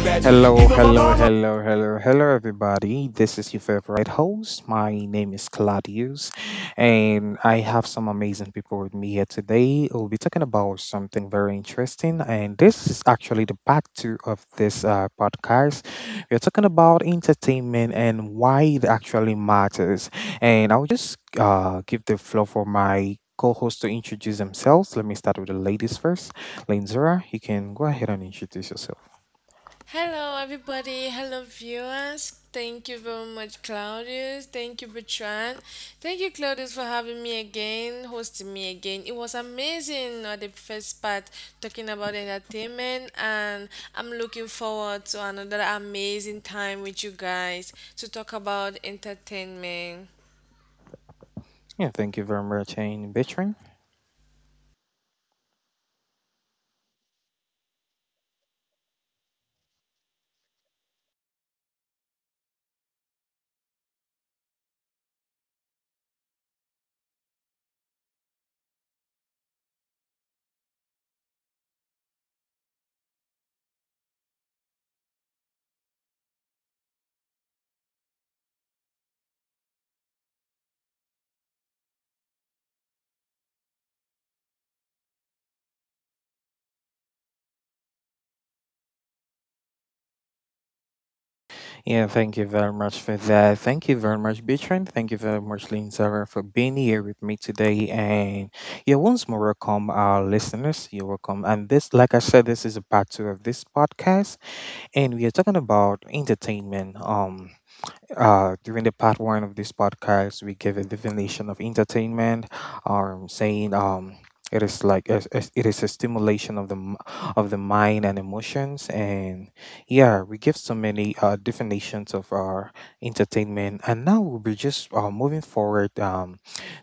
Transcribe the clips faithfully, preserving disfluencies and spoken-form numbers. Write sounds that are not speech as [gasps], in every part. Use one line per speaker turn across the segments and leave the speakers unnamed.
Hello, hello, hello, hello, hello, everybody. This is your favorite host. My name is Claudius, and I have some amazing people with me here today. We'll be talking about something very interesting, and this is actually the part two of this uh, podcast. We're talking about entertainment and why it actually matters. And I'll just uh, give the floor for my co host to introduce themselves. Let me start with the ladies first. Linzera, you can go ahead and introduce yourself.
Hello, everybody. Hello, viewers. Thank you very much, Claudius. Thank you, Bertrand. Thank you, Claudius, for having me again, hosting me again. It was amazing uh, the first part talking about entertainment, and I'm looking forward to another amazing time with you guys to talk about entertainment.
Yeah, thank you very much, Ain Bitrin. Yeah, thank you very much for that. Thank you very much, Bitrin. Thank you very much, Linzara, for being here with me today. And yeah, once more, welcome our listeners. You're welcome. And this, like I said, this is a part two of this podcast, and we are talking about entertainment. Um, Uh, during the part one of this podcast, we gave a definition of entertainment, um, saying um, it is like a, a- it is a stimulation of the m- of the mind and emotions, and yeah, we give so many uh, definitions of our entertainment, and now we'll be just uh, moving forward. Um,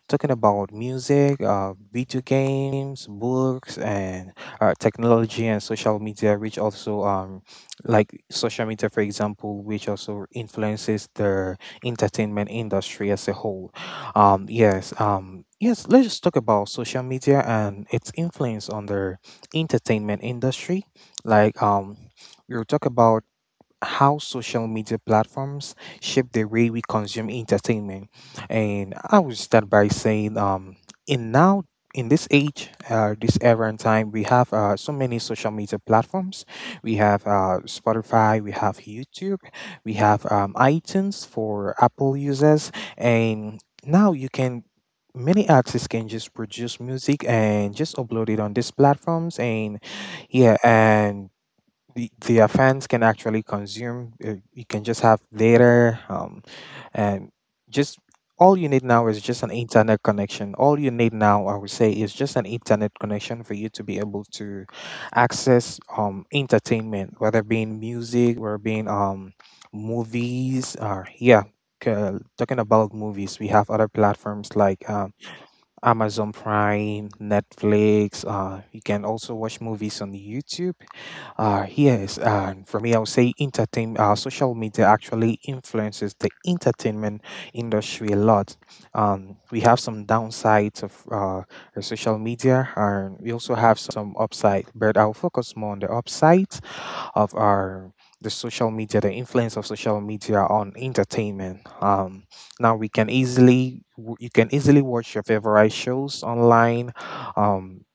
Talking about music, uh, video games, books, and uh, technology and social media, which also um, like social media, for example, which also influences the entertainment industry as a whole. Um, yes, um, yes. Let's just talk about social media and its influence on the entertainment industry. Like um, we'll talk about how social media platforms shape the way we consume entertainment. And I would start by saying, um, in now in this age, uh, this era and time, we have uh, so many social media platforms. We have uh, Spotify, we have YouTube, we have um, iTunes for Apple users, and now you can. Many artists can just produce music and just upload it on these platforms, and yeah, and the- their fans can actually consume. uh, You can just have data, um, and just all you need now is just an internet connection. All you need now, I would say, is just an internet connection for you to be able to access um, entertainment, whether being music or being um, movies. Or yeah, c- talking about movies, we have other platforms like um, Amazon Prime, Netflix. Uh, you can also watch movies on YouTube uh, yes, and for me, I would say entertain. Uh, social media actually influences the entertainment industry a lot. Um, we have some downsides of uh, the social media, and we also have some upside. But I'll focus more on the upside of our the social media, the influence of social media on entertainment. Um, now we can easily w- you can easily watch your favorite shows online. Um,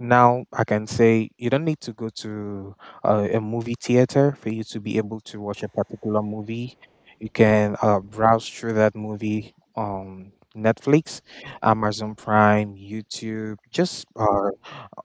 Now I can say you don't need to go to a, a movie theater for you to be able to watch a particular movie. You can uh, browse through that movie on Netflix, Amazon Prime, YouTube, just uh,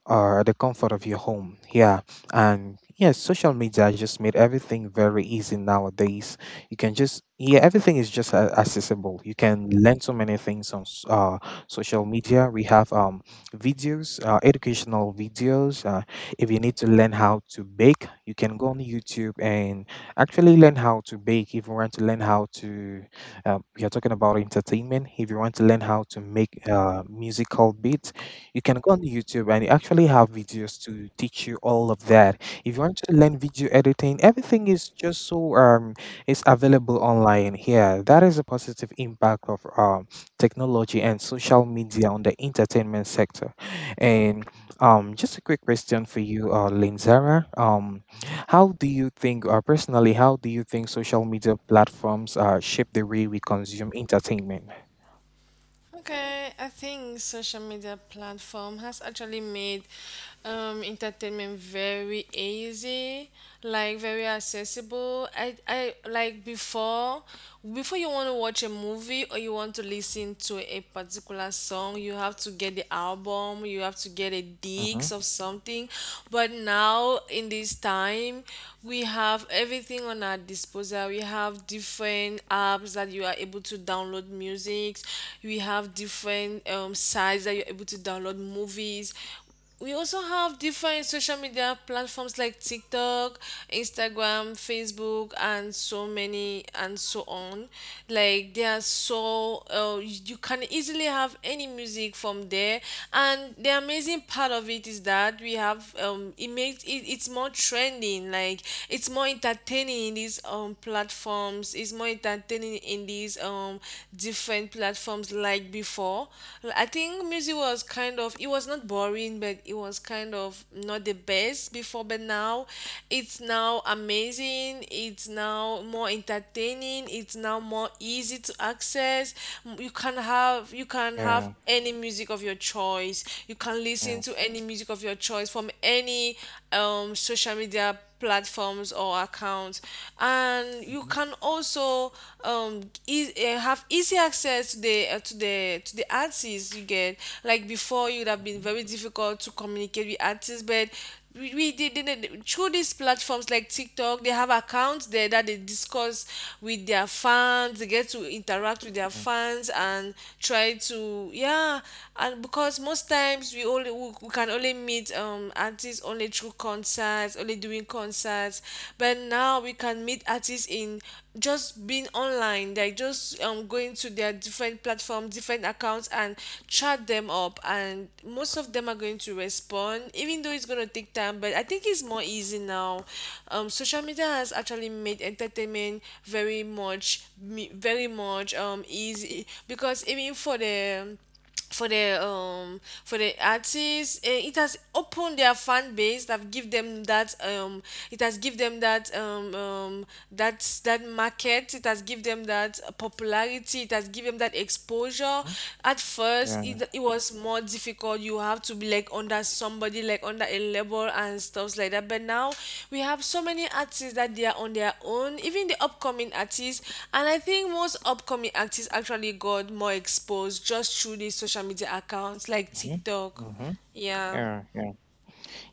or the comfort of your home. Yeah. And yes, social media just made everything very easy nowadays. You can just, yeah, everything is just uh, accessible. You can learn so many things on s- uh, social media. We have um, videos, uh, educational videos. Uh, if you need to learn how to bake, you can go on YouTube and actually learn how to bake. If you want to learn how to, um, you're talking about entertainment. If you want to learn how to make uh, musical beats, you can go on YouTube and you actually have videos to teach you all of that. If you want to learn video editing, everything is just so um it's available online here. That is a positive impact of um technology and social media on the entertainment sector. And um just a quick question for you, uh Linzara. Um how do you think uh, personally, how do you think social media platforms uh shape the way we consume entertainment?
Okay, I think social media platform has actually made um, entertainment very easy, like very accessible. I, I like before, before you want to watch a movie or you want to listen to a particular song, you have to get the album, you have to get a
Mm-hmm.
digs of something. But now in this time, we have everything on our disposal. We have different apps that you are able to download download music. We have different um, sites that you're able to download movies. We also have different social media platforms like TikTok, Instagram, Facebook, and so many and so on. Like they are so uh, you can easily have any music from there. And the amazing part of it is that we have um, it makes it, it's more trending. Like it's more entertaining in these um platforms. It's more enjoy entertaining in these um different platforms like before. I think music was kind of it was not boring, but it was kind of not the best before. But now, it's now amazing. It's now more entertaining. It's now more easy to access. You can have you can have
Yeah,
any music of your choice. You can
yeah.
listen to any music of your choice from any um, social media platforms or accounts. And you
Mm-hmm.
can also um, e- eh, have easy access to the uh, to the to the artists you get. Like before, it would have been
Mm-hmm.
very difficult to communicate with artists, but we, we did they, they, through these platforms like TikTok, they have accounts there that they discuss with their fans. They get to interact with their fans and try to yeah. And because most times we only we, we can only meet um artists only through concerts, only doing concerts. But now we can meet artists in just being online. They're just um, going to their different platform, different accounts and chat them up, and most of them are going to respond, even though it's going to take time. But I think it's more easy now. Um, social media has actually made entertainment very much me- very much um, easy, because even for the for the um for the artists, eh, it has opened their fan base, that give them that um it has give them that um um that that market. It has give them that popularity, it has given them that exposure.
Mm-hmm.
At first,
Yeah.
it, it was more difficult. God, you have to be like under somebody, like under a label and stuff like that. But now we have so many artists that they are on their own, even the upcoming artists. And I think most upcoming artists actually got more exposed just through these social media accounts like
Mm-hmm.
TikTok.
Mm-hmm.
Yeah.
Yeah. Yeah.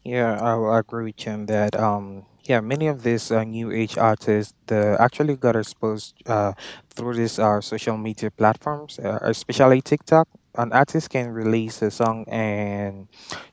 Yeah, I will agree with you on that. Um, yeah, many of these uh, new age artists they actually got exposed uh, through these uh, social media platforms, uh, especially TikTok. An artist can release a song and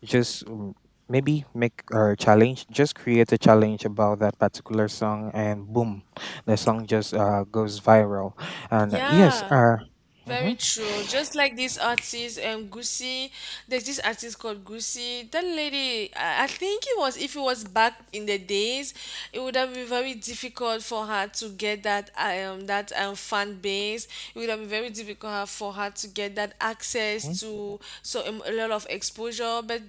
just mm, maybe make a challenge, just create a challenge about that particular song, and boom, the song just uh, goes viral. And uh, yes,
Yeah.
uh,
Very
mhm,
true. Just like this artist, um, Gucci, there's this artist called Gucci. That lady, I, I think it was, if it was back in the days, it would have been very difficult for her to get that, um, that um, fan base. It would have been very difficult for her to get that
mhm.
access to so um, a lot of exposure. But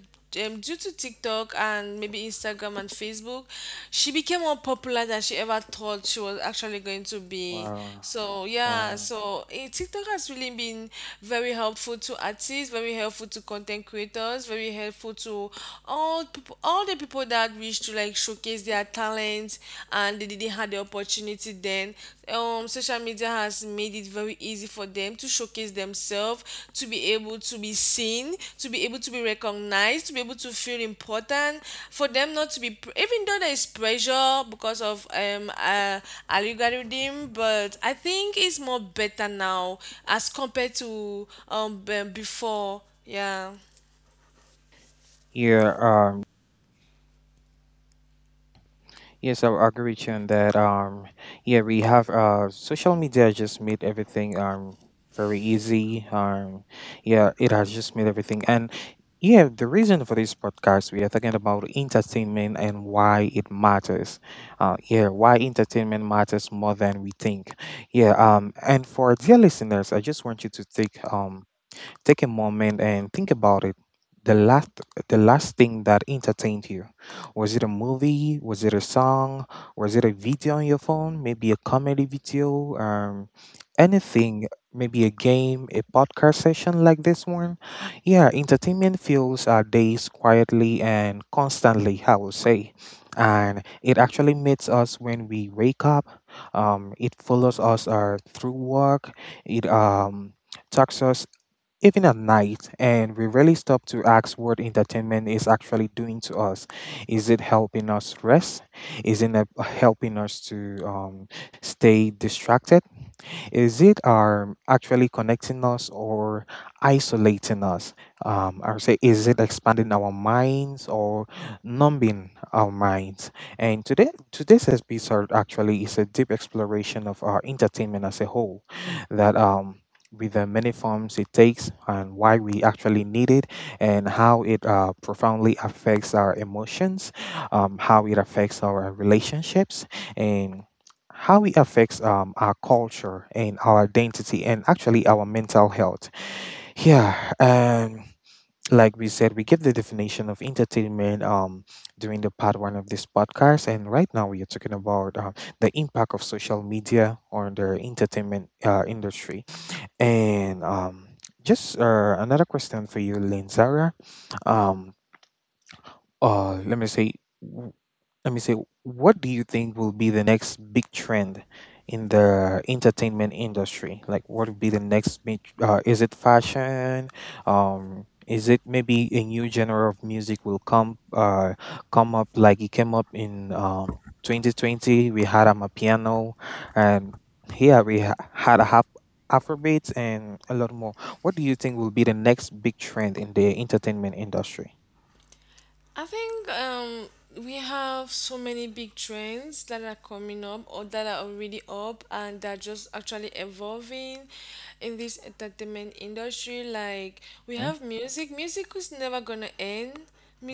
um, due to TikTok and maybe Instagram and Facebook, she became more popular than she ever thought she was actually going to be.
wow,
So yeah,
wow.
so eh, TikTok has really been very helpful to artists, very helpful to content creators, very helpful to all people, all the people that wish to like showcase their talents and they didn't have the opportunity then then um, social media has made it very easy for them to showcase themselves, to be able to be seen, to be able to be recognized, to be able to feel important, for them not to be, pr- even though there is pressure because of um, uh, algorithm. But I think it's more better now as compared to um, b- before. Yeah.
Yeah, um, yes, I I agree with you on that. Um, yeah, we have uh, social media just made everything um very easy. Um, yeah, it has just made everything, and yeah, the reason for this podcast we are talking about entertainment and why it matters. Uh, yeah, why entertainment matters more than we think. Yeah, um, and for our dear listeners, I just want you to take um take a moment and think about it. The last the last thing that entertained you. Was it a movie? Was it a song? Was it a video on your phone? Maybe a comedy video? Um anything, maybe a game, a podcast session like this one. Yeah, entertainment fills our days quietly and constantly, I would say. And it actually meets us when we wake up. Um, it follows us uh, through work. It um, talks us even at night, and we rarely stop to ask what entertainment is actually doing to us. Is it helping us rest? Is it uh, helping us to um, stay distracted? Is it um, actually connecting us or isolating us? Um, I would say, is it expanding our minds or numbing our minds? And today, today's episode actually is a deep exploration of our entertainment as a whole. That um, with the many forms it takes and why we actually need it and how it uh, profoundly affects our emotions um, how it affects our relationships and how it affects um, our culture and our identity and actually our mental health. Yeah, um, like we said, we give the definition of entertainment um, during the part one of this podcast, and right now we are talking about uh, the impact of social media on the entertainment uh, industry. And um, just uh, another question for you, Lynn Zara. Um, uh, let me say let me say, what do you think will be the next big trend in the entertainment industry? Like, what would be the next big? Uh, is it fashion? Um, is it maybe a new genre of music will come uh, come up like it came up in um, twenty twenty? We had Amapiano, and here we ha- had a hap. Afrobeats and a lot more. What do you think will be the next big trend in the entertainment industry?
I think um, we have so many big trends that are coming up or that are already up and that are just actually evolving in this entertainment industry. Like we
Okay.
have music. Music is never gonna end.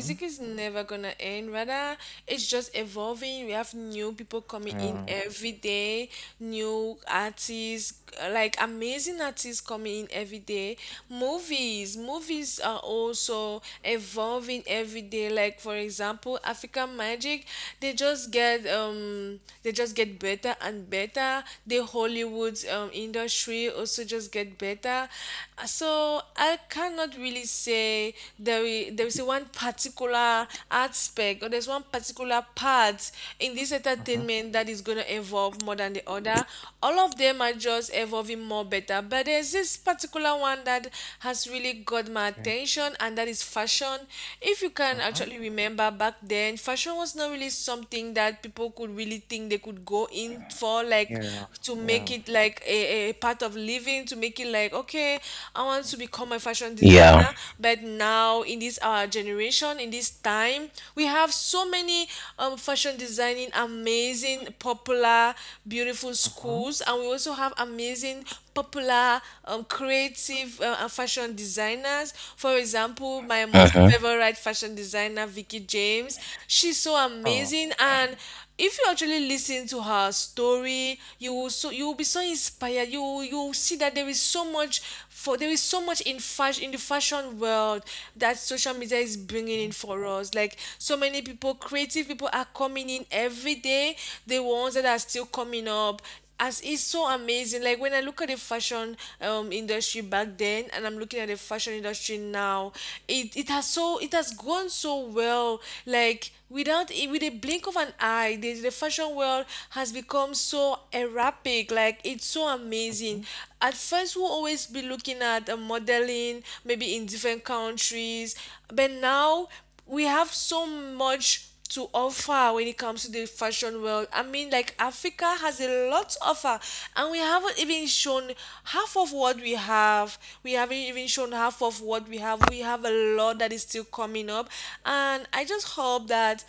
Mm-hmm.
is never gonna end. Rather, it's just evolving. We have new people coming in
Uh,
every day, new artists, like amazing artists coming in every day, everyday movies. Movies are also evolving every day. Like for example, African Magic, they just get um they just get better and better. The Hollywood um, industry also just get better. Uh, so i cannot really say there is, there is one particular aspect or there's one particular part in this
mhm.
entertainment that is going to evolve more more than the other. All of them are just evolving more better. But there's this particular one that has really got my attention, and that is fashion. If you can
Okay.
actually remember back then, fashion was not really something that people could really think they could go in for, like
Yeah,
to make
yeah.
it like a, a part of living, to make it like, okay, I want to become a fashion
Yeah.
designer. But now, in this our generation, in this time, we have so many um, fashion designing, amazing, popular, beautiful
Mm-hmm.
schools, and we also have amazing, popular, um, creative uh, uh, fashion designers. For example, my most
Hmm.
favorite fashion designer, Vicky James. She's so
Oh,
amazing, and if you actually listen to her story, you will so you will be so inspired. You will, you will see that there is so much for there is so much in fashion, in the fashion world, that social media is bringing
okay.
in for us. Like so many people, creative people, are coming in every day. The ones that are still coming up, as it's so amazing. Like when I look at the fashion um, industry back then and I'm looking at the fashion industry now, it, it has so it has gone so well. Like without i- with a blink of an eye, the, the fashion world has become so erratic. Like it's so amazing.
Mm-hmm.
At first, we'll always be looking at uh, modeling maybe in different countries, but now we have so much to offer when it comes to the fashion world. I mean, like Africa has a lot to offer, and we haven't even shown half of what we have. We haven't even shown half of what we have. We have a lot that is still coming up, and I just hope that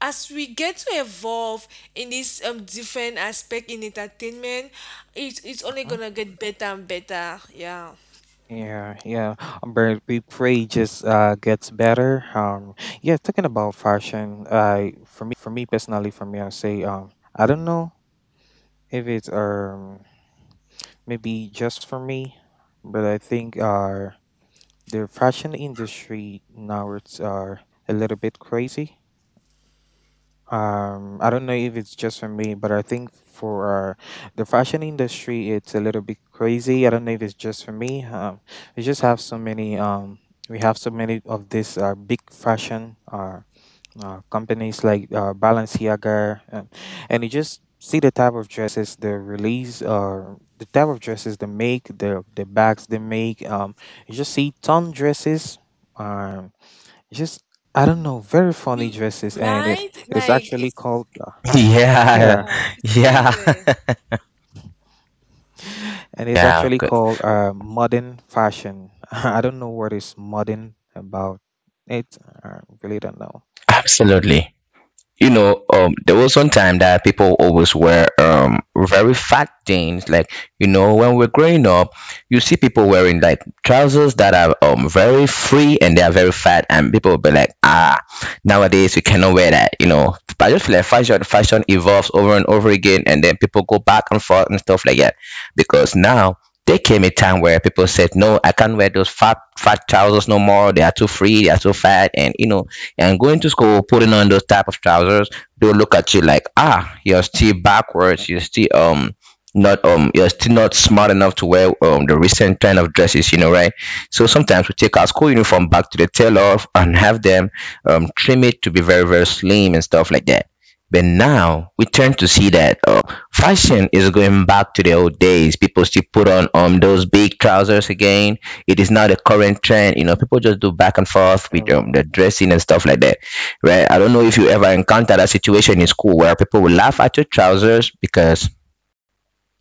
as we get to evolve in this um, different aspect in entertainment, it, it's only
Mm-hmm.
gonna get better and better. Yeah,
Yeah, yeah. Um, but we pray just uh gets better. Um, yeah. Talking about fashion, I for me personally, for me, I say um, I don't know if it's um maybe just for me, but I think uh the fashion industry now it's uh a little bit crazy, um I don't know if it's just for me but I think for uh, the fashion industry it's a little bit crazy. I don't know if it's just for me. um we just have so many um we have so many of these uh, big fashion uh, uh companies like uh, Balenciaga, um, and you just see the type of dresses they release, uh the type of dresses they make, the the bags they make, um you just see ton dresses. um. It's just I don't know, very funny
you
dresses, and it
right?
it is
Like
actually
it's,
called uh,
[laughs] Yeah.
yeah,
yeah, it's
Yeah.
crazy.
[laughs]
[laughs] and it's
Yeah.
actually
Good.
called uh, modern fashion. [laughs] I don't know what is modern about it. I really don't know.
Absolutely. You know, um, there was one time that people always wear um very fat jeans. Like you know, when we're growing up, you see people wearing like trousers that are um very free and they are very fat, and people will be like, ah, nowadays we cannot wear that. You know, but I just feel like fashion fashion evolves over and over again, and then people go back and forth and stuff like that, because now there came a time where people said, "No, I can't wear those fat fat trousers no more. They are too free. They are too fat." And you know, and going to school putting on those type of trousers, they'll look at you like, ah, you're still backwards, you're still um not um you're still not smart enough to wear um the recent trend of dresses, you know, right? So sometimes we take our school uniform
Mhm.
back to the tailor and have them um trim it to be very very slim and stuff like that. But now we tend to see that um, fashion is going back to the old days. People still put on um, those big trousers again. It is not a current trend. You know, people just do back and forth with um,
Uh,
the dressing and stuff like that, right? I don't know if you ever encounter that situation in school where people will laugh at your trousers because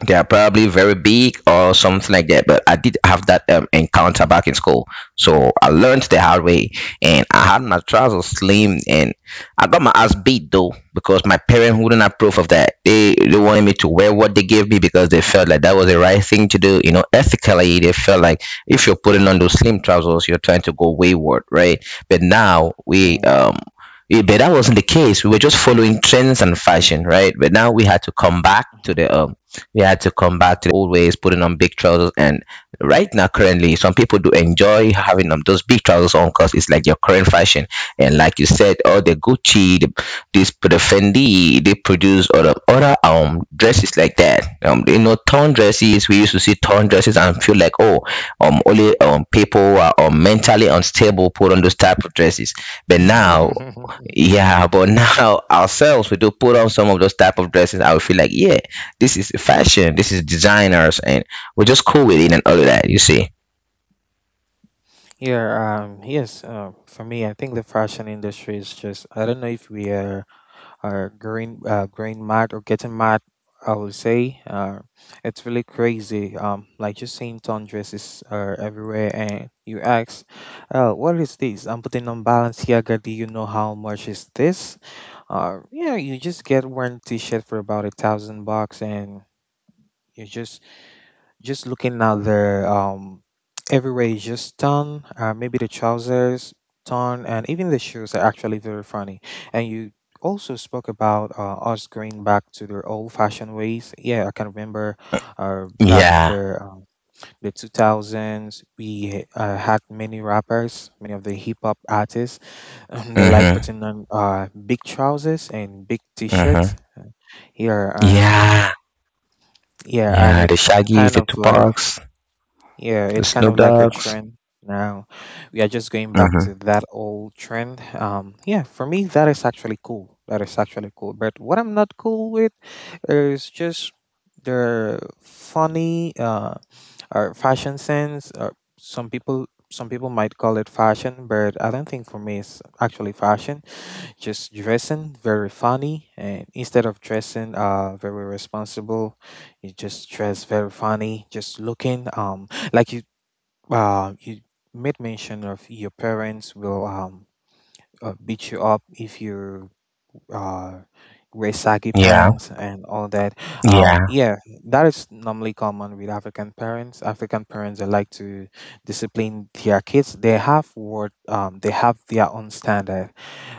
they are probably very big or something like that. But I did have that um, encounter back in
[laughs]
school, so I learned the hard way. And I had my trousers slim, and I got my ass beat though because my parents wouldn't approve of that. They they wanted me to wear what they gave me because they felt like that was the right thing to do. You know, ethically, they felt like if you're putting on those slim trousers, you're trying to go wayward, right? But now we
yeah.
um yeah, but that wasn't the case. We were just following trends and fashion, right? But now we had to come back to
mhm.
the um, we had to come back to old ways, putting on big trousers. And right now, currently, some people do enjoy having um, those big trousers on because it's like your current fashion. And like you said, all the Gucci, the, this the Fendi, they produce other other um dresses like that. Um, you know, torn dresses. We used to see torn dresses and feel like, oh, um, only um people who are um, mentally unstable put on those type of dresses. But now
[laughs]
yeah, but now [laughs] ourselves, we do put on some of those type of dresses. I would feel like, yeah, this is fashion, this is designers, and we're just cool with it and all of that. You see?
Yeah, um, yes. Uh, for me, I think the fashion industry is just, I don't know if we are or green uh, green mad or getting mad. I would say uh, it's really crazy. um like just seeing ton dresses are everywhere and you ask uh what is this I'm putting on balance here do you know how much is this? uh yeah, you just get one t-shirt for about a thousand bucks and you just just looking at their um [tsk] everywhere is just torn. Uh, maybe the trousers torn, and even the shoes are actually very funny. And you also spoke about uh, us going back to their old-fashioned ways. Yeah, I can remember, uh, back in
Yeah.
the um, the two thousands, we uh, had many rappers, many of the hip hop artists. [laughs] Um, they like
Mhm.
putting on uh big trousers and big t-shirts.
Mhm.
Yeah, and
Yeah.
yeah, and
Yeah. The
it's
Shaggy's,
kind
the
of like
Tupacs,
yeah,
the
it's kind
Snoop
of like a
Dogs.
trend now. We are just going back
Mhm.
to that old trend. Um, yeah, for me, that is actually cool. That is actually cool. But what I'm not cool with is just their funny uh, or fashion sense. Or some people, some people might call it fashion, but I don't think for me it's actually fashion, just dressing very funny, and instead of dressing uh very responsible you just dress very funny, just looking um like you uh you made mention of your parents will um uh, beat you up if you uh, wear saggy
Yeah.
pants and all that. Um,
Yeah.
yeah, that is normally common with African parents. African parents, they like to discipline their kids. They have what um, they have their own standard.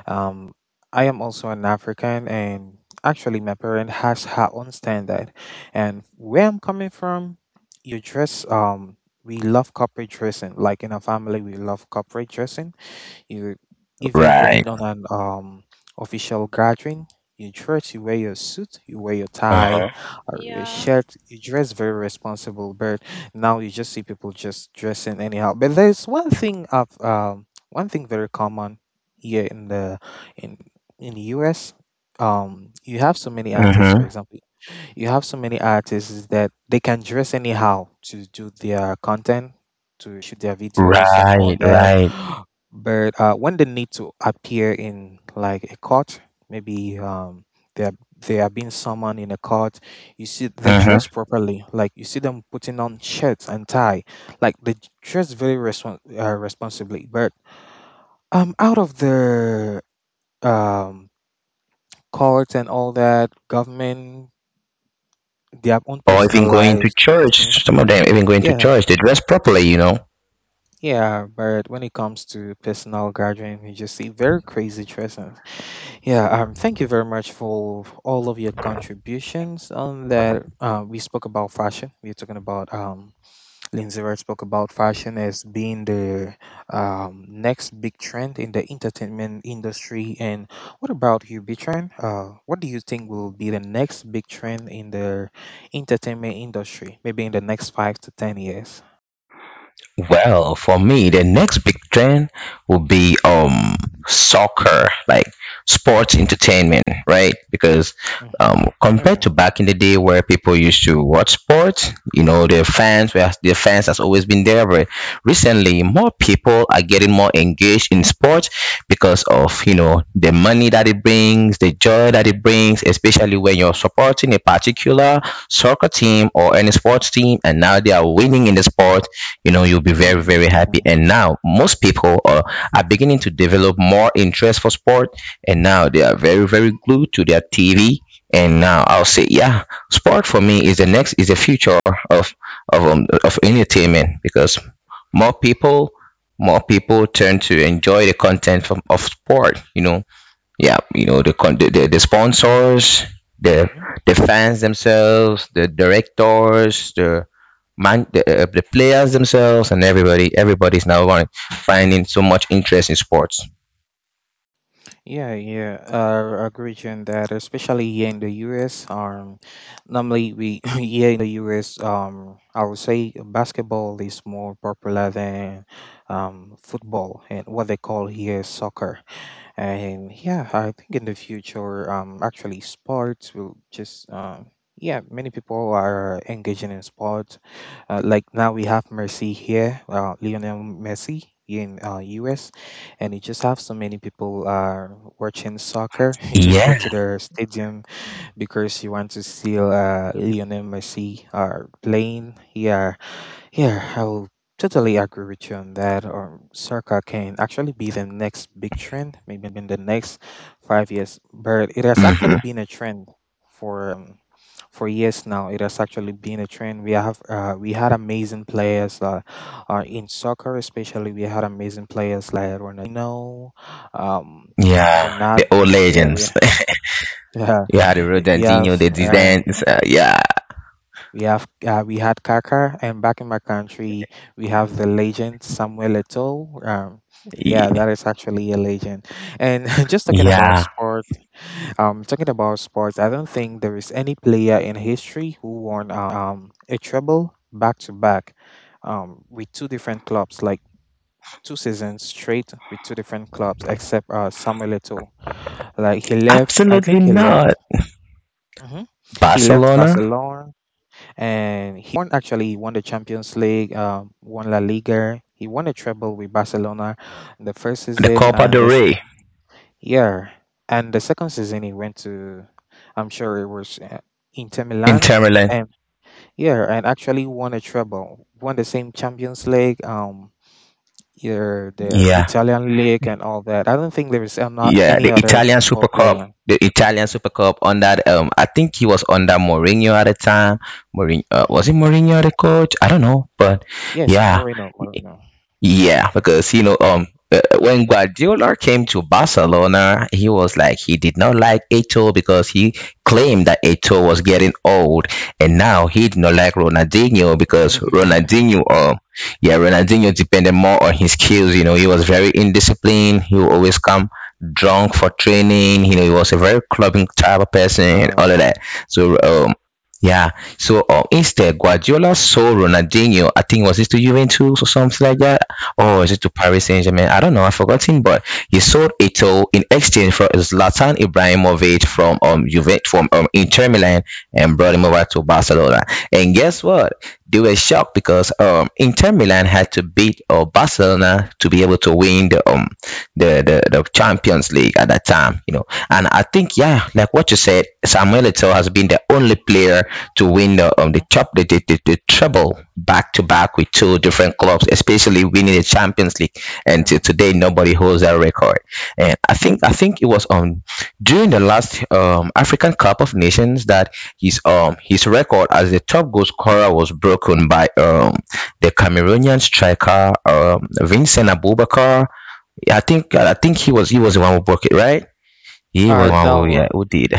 Um, I am also an African, and actually, my parent has her own standard. And where I'm coming from, you dress. Um, we love corporate dressing. Like in our family, we love corporate dressing. You, if you're
Right.
going on an um, official gathering, you dress, you wear your suit, you wear your tie
Mhm.
or your
Yeah.
shirt, you dress very responsible. But now you just see people just dressing anyhow. But there's one thing of um, one thing very common here in the in in the U S. Um, you have so many artists. For
Mhm.
example, you have so many artists that they can dress anyhow to do their content, to shoot their videos and all
Right.
that.
Right.
[gasps] But uh, when they need to appear in like a court, maybe um, they are, they are being summoned in a court, you see they
Mhm.
dress properly. Like you see them putting on shirts and tie, like they dress very respon- uh, responsibly. But um, out of the um courts and all that, government, their own
Or
personal
even going to
lives, you see.
church. Some of them even going to
Yeah,
church. They dress properly, you know.
yeah, but when it comes to personal gathering, we just see very crazy dresses. Yeah, um, thank you very much for all of your contributions on that. Uh, we spoke about fashion. We are talking about um, Lindsay Wright spoke about fashion as being the um, next big trend in the entertainment industry. And what about you, Bitran? Uh, what do you think will be the next big trend in the entertainment industry? Maybe in the next five to ten years.
Well, for me, the next big trend will be um soccer, like sports entertainment, right? Because
Mm-hmm.
um compared to
Yeah.
back in the day where people used to watch sports, you know, their fans were their fans has always been there, but recently more people are getting more engaged in sports because of, you know, the money that it brings, the joy that it brings, especially when you're supporting a particular soccer team or any sports team and now they are winning in the sport, you know, you'll
[laughs]
be very very happy.
Mhm.
And now most people are, are beginning to develop more interest for sport, and now they are very very glued to their TV. And now I'll say yeah, sport for me is the next is the future of of um, of entertainment because more people more people turn to enjoy the content from, of sport, you know. Yeah, you know, the con- the, the, the sponsors, the the fans themselves, the directors, the man the, uh, the players themselves, and everybody everybody's now going finding so much interest in sports.
Yeah, yeah, I agree with you on that, especially here in the U S. Um, normally we [laughs] here in the U S, um, I would say basketball is more popular than um football and what they call here soccer. And yeah, I think in the future, um, actually, sports will just, um, yeah, many people are engaging in sports. Uh, like now we have Messi here, uh, Lionel Messi here in uh, U S, and you just have so many people are watching soccer. [laughs] You just go
Yeah.
to their stadium because you want to see uh, Lionel Messi uh, playing. Yeah. Yeah, I will totally agree with you on that. Or Circa can actually be the next big trend, maybe in the next five years. But it has actually
Hmm.
been a trend for um for years now. It has actually been a trend. We have uh, we had amazing players uh, uh in soccer, especially we had amazing players like Ronaldinho, um
Yeah,
Ronald.
the old
Yeah, we
legends
[laughs] yeah
[laughs] yeah, the
we have.
Ronaldinho, the
uh.
Zidane, uh, yeah.
We have uh, we had Kaka, and back in my country, we have the legend Samuel Eto'o. Um, yeah,
Ye-
that is actually a legend. And [laughs] just talking about
yeah,
sports, um, talking about sports, I don't think there is any player in history who won um a treble back to back, um, with two different clubs, like two seasons straight with two different clubs, except uh Samuel Eto'o. Like he left, I
absolutely.
think he left.
Not
hmm He left
Barcelona,
Barcelona and he won actually he won the Champions League, um, won La Liga. He won a treble with Barcelona in the first
the
season,
Copa
and
del
this
Rey,
yeah, and the second season he went to, I'm sure it was uh, Inter Milan
Inter Milan,
and yeah, and actually won a treble, won the same Champions League, um, your their
yeah.
Italian league and all that. I don't think there is uh, not
Yeah,
any
the
other
Italian
football
Super Cup,
player.
the Italian Super Cup under Um, I think he was under Mourinho at the time. Mourinho, uh,
Hmm.
was it Mourinho the coach? I don't know, but
Yes,
yeah,
Moreno, Moreno.
yeah, because you know, um, uh, when Guardiola came to Barcelona, he was like he did not like Eto'o because he claimed that Eto'o was getting old, and now he did not like Ronaldinho because
[laughs]
Ronaldinho, um, yeah, Ronaldinho depended more on his skills. You know, he was very indisciplined. He would always come drunk for training. You know, he was a very clubbing type of person and all of
uh,
that. So, um, yeah. So uh, instead, Guardiola saw Ronaldinho. I think was this to Juventus or something like that, or is it to Paris Saint Germain? I don't know, I've forgotten. But he sold Ito in exchange for Zlatan Ibrahimovic from um Juventus, from um, Inter Milan, and brought him over to Barcelona. And guess what? They were shocked because um Inter Milan had to beat uh, Barcelona to be able to win the um the, the the Champions League at that time, you know. And I think yeah, like what you said, Samuel Eto'o has been the only player to win the, um, the
mhm,
top the, the, the, the treble back to back with two different clubs, especially winning the Champions League. And
yeah.
to today, nobody holds that record. And I think I think it was um during the last um, African Cup of Nations that his um his record as the top goal scorer was broken by um the Cameroonian striker, um, Vincent Aboubakar. I think I think he was he was the one who broke it, right? He was
Uh,
one who yeah
no,
who did,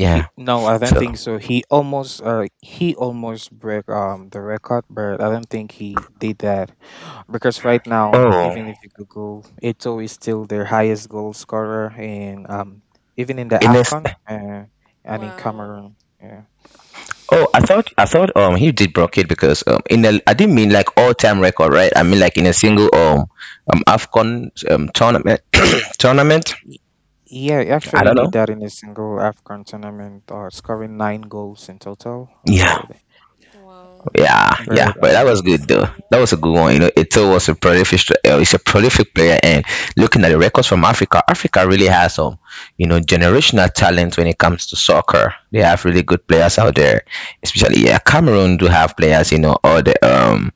He no, I don't
So
think so. He almost uh he almost broke um the record, but I don't think he did that because right
Okay.
now,
oh,
even if you Google, Ito is still their highest goal scorer in um even in the
in this.
Afcon uh, and in
Wow.
Cameroon. Yeah.
Oh, I thought I thought um he did broadcast because um in a I didn't mean like all time record, right? I mean like in a single um um Afcon um tournament [coughs] [clears throat] tournament,
Y- Yeah, he
I
actually
don't
did
know.
that in a single Afcon tournament, uh, scoring nine goals in total.
Yeah,
But
Wow.
yeah, yeah.
But,
But that
um
was good
That's
though, that was a good
amazing.
one, you know. Ito was a prolific, uh, he's a prolific player. And looking at the records from Africa, Africa really has some, you know, generational talent when it comes to soccer. They have really good players out there, especially yeah, Cameroon do have players, you know, all the um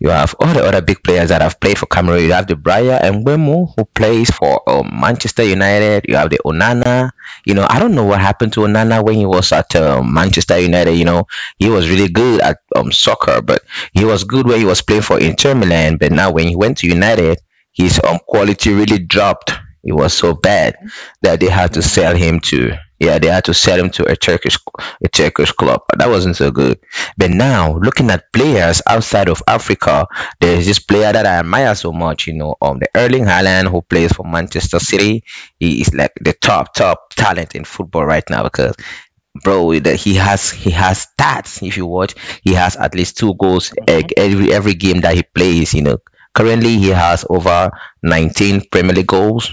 you have all the other big players that have played for Cameroon. You have the Briar Mbemu who plays for um, Manchester United. You have the Onana. You know, I don't know what happened to Onana when he was at um Manchester United. You know, he was really good at um, soccer, but he was good when he was playing for Inter Milan. But now when he went to United, his um, quality really dropped. It was so bad
Mhm.
that they had to
yeah,
sell him to yeah, they had to sell him to a Turkish a Turkish club. That wasn't so good. But now, looking at players outside of Africa, there is this player that I admire so much, you know, um, the Erling Haaland who plays for Manchester City. He is like the top, top talent in football right now because bro, that he has he has stats. If you watch, he has at least two goals e-
mhm,
every every game that he plays, you know. Currently he has over nineteen Premier League goals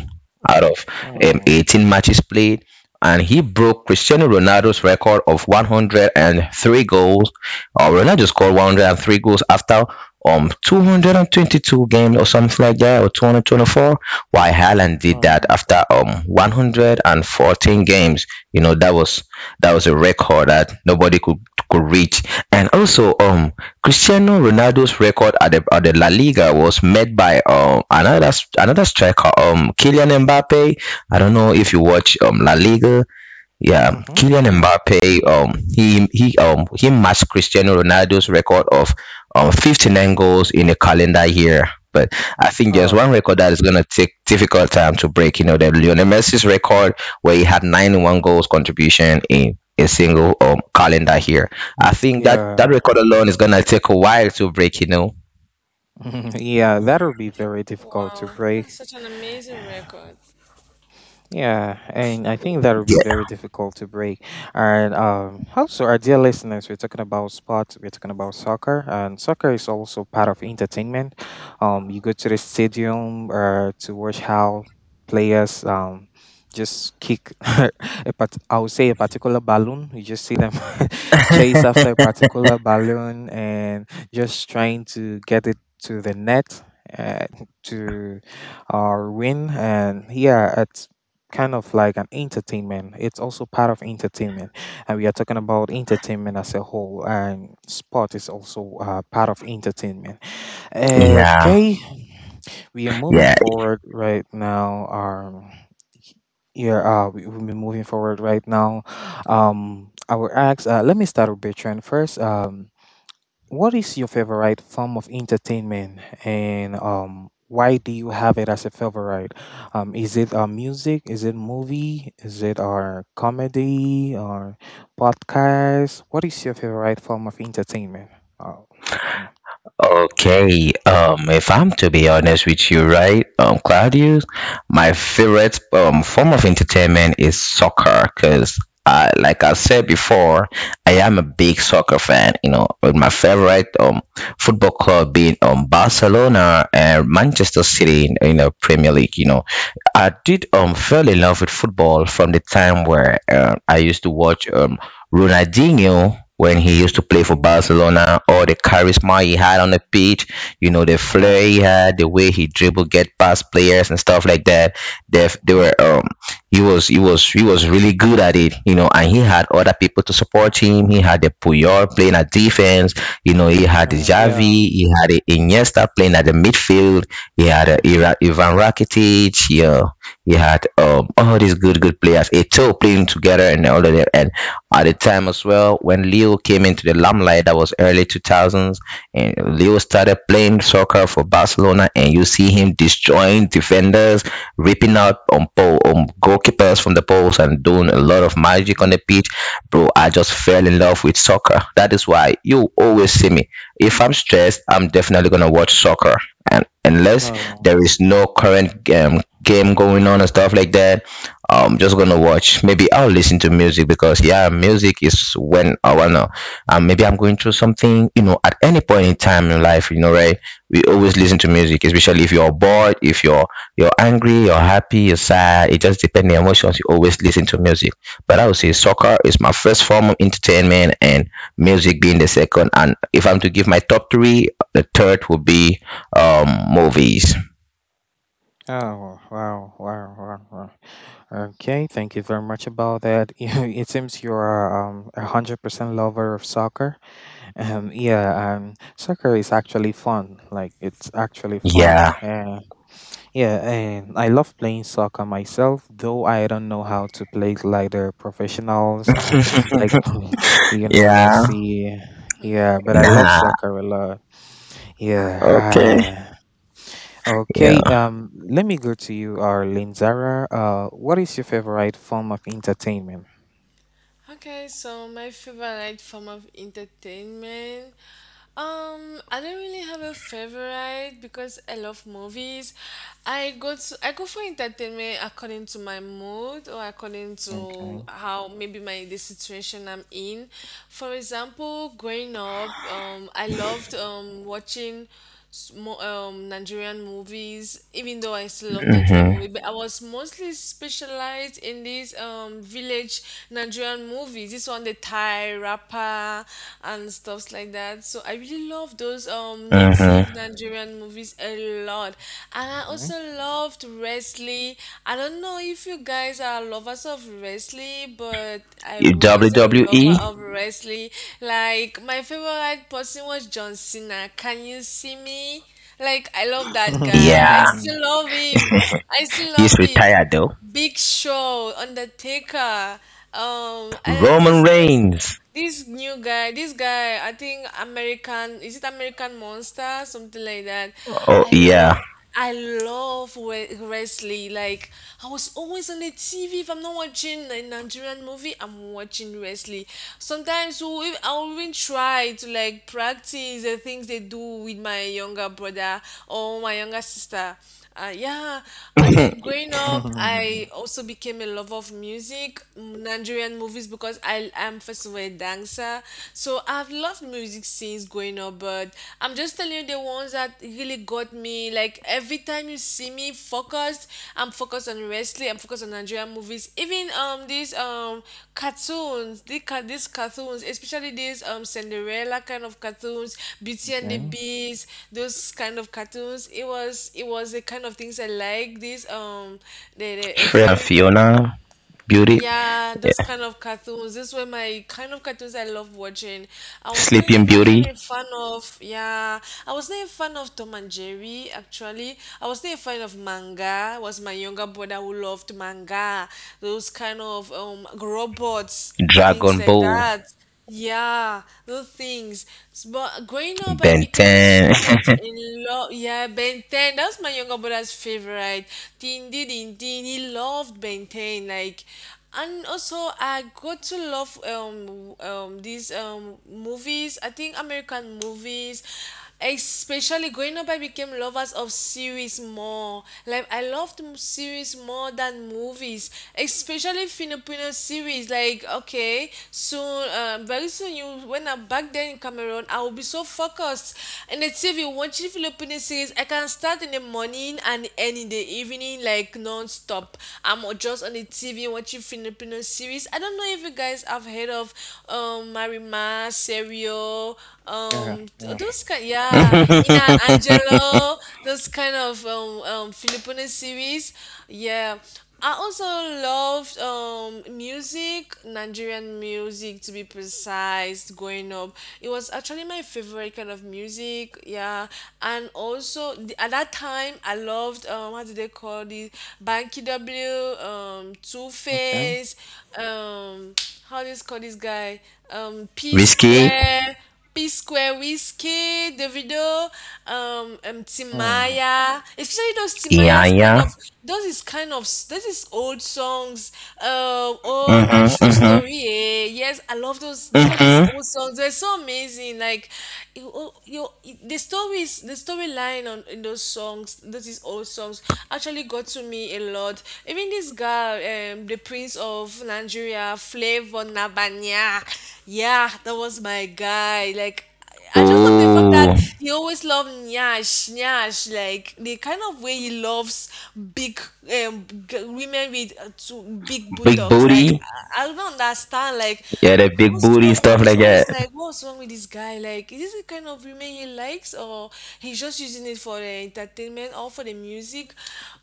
out of um,
oh,
eighteen matches played, and he broke Cristiano Ronaldo's record of one hundred three goals. Uh, Ronaldo scored one hundred three goals after um two hundred twenty-two games or something like that, or two hundred twenty-four. While Haaland did that
oh,
after um one hundred fourteen games games. You know, that was that was a record that nobody could could reach. And also, um, Cristiano Ronaldo's record at the, at the La Liga was made by um another, another striker, um, Kylian Mbappe. I don't know if you watch um La Liga. Yeah,
mhm,
Kylian
yeah,
Mbappe, um, he he um he matched Cristiano Ronaldo's record of um fifty-nine goals in a calendar year. But I think there's one
oh,
record that is gonna take difficult time to break. You know, the Lionel Messi's record where he had ninety-one goals contribution in a single um calendar year. I think that that
yeah,
record alone is gonna take a while to break. You know.
[laughs] yeah, that'll be very difficult to
Wow. That's
break.
such an amazing record.
Yeah, and I think that would be
Yeah.
very difficult to break. And um, also, our dear listeners, we're talking about sports, we're talking about soccer, and soccer is also part of entertainment. Um, you go to the stadium uh, to watch how players um, just kick, [laughs] a part- I would say, a particular balloon. You just see them [laughs] chase after a particular balloon and just trying to get it to the net. Uh, [laughs] to uh win and yeah, kind of like an entertainment. It's also part of entertainment, and we are talking about entertainment as a whole. And sport is also uh, part of entertainment.
Yeah.
Okay, we are moving
Yeah.
forward right now. Um, yeah, uh, we will be moving forward right now. Um, I will ask. Uh, let me start with Bertrand first. Um, what is your favorite form of entertainment, and um, why do you have it as a favorite? Um, is it uh, music? Is it movie? Is it our comedy or podcast? What is your favorite form of entertainment? Oh, okay.
Okay, um, if I'm to be honest with you, right, um, Claudius, my favorite um form of entertainment is soccer because I, like I said before, I am a big soccer fan. You know, with my favorite um football club being um Barcelona and Manchester City in, in the Premier League. You know, I did um fell in love with football from the time where uh, I used to watch um. Ronaldinho when he used to play for
Mm,
Barcelona, all the charisma he had on the pitch, you know, the flair he
Uh,
had, the way he dribbled, get past players and stuff like that. They, they
mhm,
were, um, he was, he was, He was really good at it, you know, and he had other people to support him. He had the Puyol playing at defense, you know, he had the
uh,
Xavi,
yeah.
he had the Iniesta playing at the midfield, he had a
mhm,
Ira- Ivan Rakitic, yeah, you had um, all these good, good players, Eto playing together and all of that. And at the time as well, when Leo came into the limelight, that was early two thousands, and Leo started playing soccer for Barcelona, and you see him destroying defenders, ripping out on pole, on goalkeepers from the poles, and doing a lot of magic on
mhm,
the pitch. Bro, I just fell in love with soccer. That is why you always see me. If I'm stressed, I'm definitely gonna watch soccer, and unless
Oh,
there is no current game game going on and stuff like that, I'm just gonna watch. Maybe I'll listen to music because yeah, music is when I wanna. Um, maybe I'm going through something, you know, at any point in time in life, you know, right? We always listen to music, especially if you're bored, if you're you're angry, you're happy, you're sad. It just depends on the emotions. You always listen to music. But I would say soccer is my first form of entertainment, and music being the second. And if I'm to give my top three, the third would be um, movies.
oh, wow, wow, wow, wow. Okay, thank you very much about that. [laughs] You- It seems you're um, a hundred percent lover of soccer. Um, yeah, um, soccer is actually fun. Like it's actually fun.
Yeah.
Uh, yeah, and I love playing soccer myself, though I don't know how to play it like the professionals, [laughs]
[laughs]
like [laughs] Lionel
Yeah.
Messi. Yeah, but I love
Nah.
soccer a lot.
Okay.
Yeah. Uh,
Yeah.
okay. Um, let me go to you, Arlene Zara. Uh, what is your favorite form of entertainment?
Okay, so my favorite form of entertainment. Um, I don't really have a favorite because I love movies. I go to I go for entertainment according to my mood or according to
Okay.
how maybe my the situation I'm in. For example, growing up, um, I loved um watching smo- um, Nigerian movies, even though I still love Nigerian
Mhm.
movie, but I was mostly specialized in these um, village Nigerian movies. This one, the Thai rapper and stuffs like that. So I really love those um,
Mhm.
native Nigerian movies a lot. And I
Okay.
also loved wrestling. I don't know if you guys are lovers of wrestling, but I
You
was was a lover
W W E.
of wrestling. Like my favorite person was John Cena. Can you see me? Like I love that guy. I
Yeah.
[laughs]
still love him. I still
[laughs] He's
love him.
retired though.
Big Show, Undertaker, um, and
Roman
this new.
Reigns.
This new guy, this guy, I think American, is it American Monster, something like that.
Oh
I love,
yeah.
I love we- wrestling. Like I was always on the T V. If I'm not watching a Nigerian movie, I'm watching wrestling. Sometimes we- I'll even try to like practice the things they do with my younger brother or my younger sister. Uh, yeah,
[laughs] [clears throat]
and then
Shrek
growing up, I also became a lover of music, mm, Nigerian movies, because I am first of all a dancer. So I've loved music since growing up, but I'm just telling you the ones that really got me. Like every time you see me focused, I'm focused on wrestling. I'm focused on Nigerian movies. Even um these um cartoons, the ca- these cartoons, especially these um Cinderella kind of cartoons, Beauty and the
Okay.
Beast, those kind of cartoons. It was it was the kind of things I like. These um the, the a
and
fairy um,
Fiona. Beauty.
yeah, those kind of cartoons. These were my kind of cartoons I love watching. I was not
Sleeping
even
Beauty.
actually a fan of, yeah, I was not a fan of Tom and Jerry, actually. I was not a fan of manga. It was my younger brother who loved manga, those kind of um robots, things
Dragon
like
Ball.
that. Yeah, those things. S- But growing up, I
Ben
became so
ten.
much in love. Yeah, Ben ten. That was my younger brother's favorite. Din din din din. He loved Ben ten. Like, and also I got to love um um these um movies. I think American movies. Especially growing up, I became lovers of series more. Like I loved m- series more than movies, especially Filipino series. Like okay, soon, uh, very soon, you when I'm back there in Cameroon, I will be so focused in the T V watching Filipino series. I can start in the morning and end in the evening, like non-stop. I'm just on the T V watching Filipino series. I don't know if you guys have heard of um Marimar, Serio,
Yeah.
um th-
Yeah.
those kind, yeah, Ina
[laughs]
Angelo, those kind of um um Filipino series. Yeah, I also loved um music, Nigerian music to be precise. Growing up, it was actually my favorite kind of music. Yeah, and also the, at that time I loved, um how do they call this, Banky W, um Two
Okay.
Face, um how do you call this guy, um P
Whiskey.
Square. P Square, Whiskey, Davido, um, um
Oh.
Timaya, especially those Timaya's kind of,
Yanya.
those is kind of those is old songs. Um, oh, na
Mhm.
true
Mhm.
story. Eh? Yes, I love those. These are these
Mhm.
old songs. They're so amazing. Like, you, oh, you, the stories, the storyline on in those songs, those is old songs, actually got to me a lot. Even this guy, um, the Prince of Nigeria, Flavor Nabanya. Yeah, that was my guy. Like, I just love the fact that
Ooh,
he always loved Nyash, Nyash. Like, the kind of way he loves big um, g- women with uh, two big
big
buttocks. Like,
booty.
I, I don't understand. Like,
Yeah, that
how
big booty
wrong? I
stuff
was
like that.
always like, what's wrong with this guy? Like, is this the kind of women he likes, or he's just using it for the entertainment or for the music?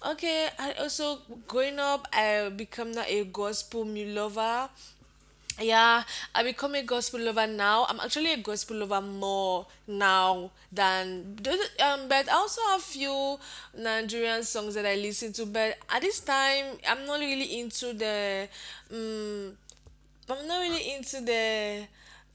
Okay, I also growing up, I become now a gospel mu- lover. Yeah, I become a gospel lover. Now I'm actually a gospel lover more now than um but I also have few Nigerian songs that I listen to. But at this time, I'm not really into the um but I'm not really into the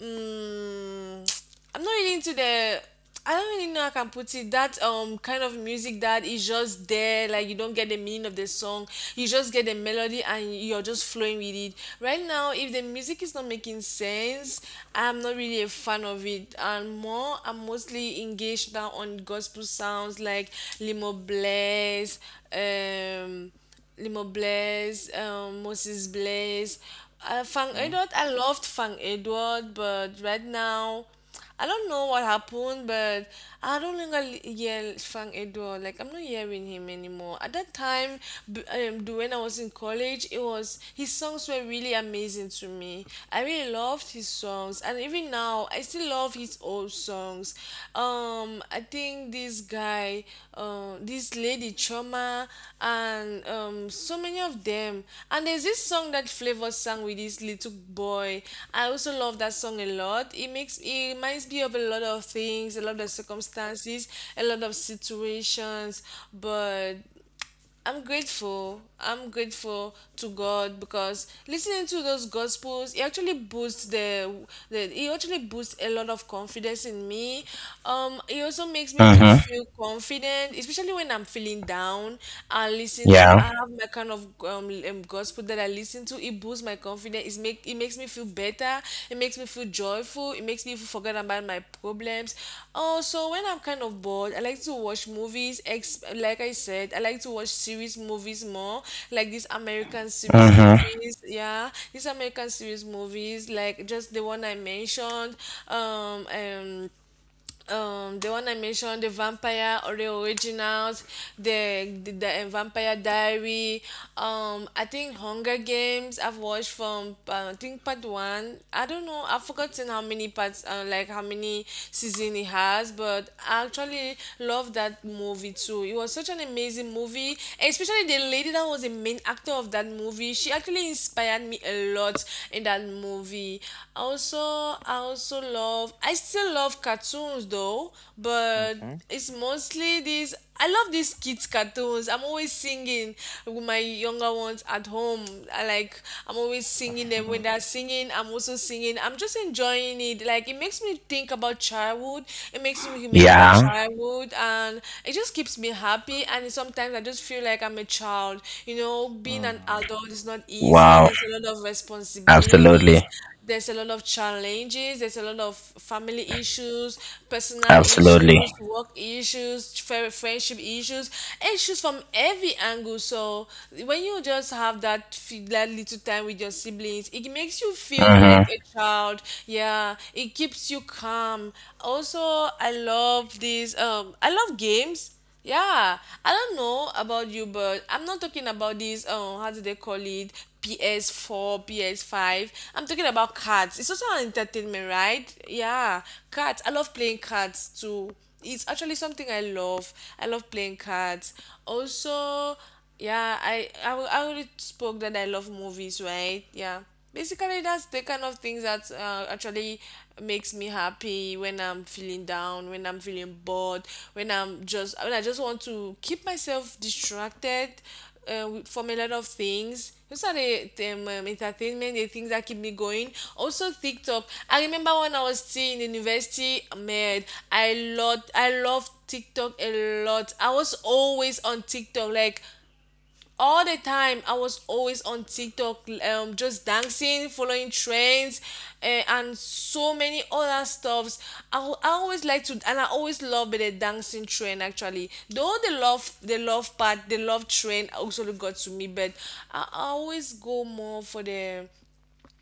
um [tsk] I'm not really into the, I don't really know how I can put it, that um kind of music that is just there, like you don't get the meaning of the song, you just get the melody and you're just flowing with it. Right now, if the music is not making sense, I'm not really a fan of it. And more, I'm mostly engaged now on gospel sounds like Limo Bless um Limo Blaise, um, Moses Blaise. Uh, Fang
Okay.
Edward, I loved Fang Edward, but right now, I don't know what happened, but I don't think I hear Fang Edward. Like, I'm not hearing him anymore. At that time, b- um, d- when I was in college, it was his songs were really amazing to me. I really loved his songs, and even now, now I still love his old songs. um I think this guy, um this lady Trauma, and um so many of them. And there's this song that Flavor sang with this little boy. I also love that song a lot. It makes, it reminds me of a lot of things, a lot of circumstances, a lot of situations. But I'm grateful. I'm grateful to God, because listening to those gospels, it actually boosts the, the it actually boosts a lot of confidence in me. Um, it also makes me to
Mhm.
feel confident, especially when I'm feeling down. I listen to,
Yeah.
I have my kind of um, um gospel that I listen to. It boosts my confidence. It's make it makes me feel better. It makes me feel joyful. It makes me forget about my problems. Also, when I'm kind of bored, I like to watch movies. Ex- like I said, I like to watch series movies more, like these American series
Mhm.
movies. Yeah, these American series movies, like just the one I mentioned. Um, um um the one I mentioned, the Vampire or the Originals, the, the the uh, Vampire Diary. um I think Hunger Games. I've watched from uh, I think part one. I don't know, I've forgotten how many parts, uh, like how many season it has, but I actually love that movie too. It was such an amazing movie, especially the lady that was the main actor of that movie. She actually inspired me a lot in that movie. Also, I also love, I still love cartoons though, but
Okay.
it's mostly these. I love these kids cartoons. I'm always singing with my younger ones at home. I like I'm always singing them when they're
[laughs]
singing. I'm also singing. I'm just enjoying it. Like it makes me think about childhood. It makes me remember
Yeah.
childhood, and it just keeps me happy. And sometimes I just feel like like I'm a child. You know, being an
Mm.
adult is not easy.
Wow.
There's a lot of
Absolutely.
responsibilities. There's a lot of challenges. There's a lot of family issues, personal
Absolutely.
issues, work issues, fri- friendship issues, issues from every angle. So when you just have that, fe- that little time with your siblings, it makes you feel
Mhm.
like a child. Yeah, it keeps you calm. Also, I love these. Um, I love games. Yeah, I don't know about you, but I'm not talking about these. Um, how do they call it? P S four, P S five. I'm talking about cards. It's also an entertainment, right? Yeah, cards. I love playing cards too. It's actually something I love. I love playing cards. Also, yeah, I I al- I already spoke that I love movies, right? Yeah. Basically, that's the kind of things that uh, actually makes me happy when I'm feeling down, when I'm feeling bored, when I'm just when I just want to keep myself distracted uh, with- from a lot of things. Those are the, the um, um, entertainment, the things that keep me going. Also, TikTok. I remember when I was still in university, man, I loved I loved TikTok a lot. I was always on TikTok, like all the time. I was always on TikTok, um just dancing, following trends, eh, and so many other stuffs. I, al- I always like to, and I always love the dancing trend actually. Though the love the love part, the love trend also got to me, but i I always go more for the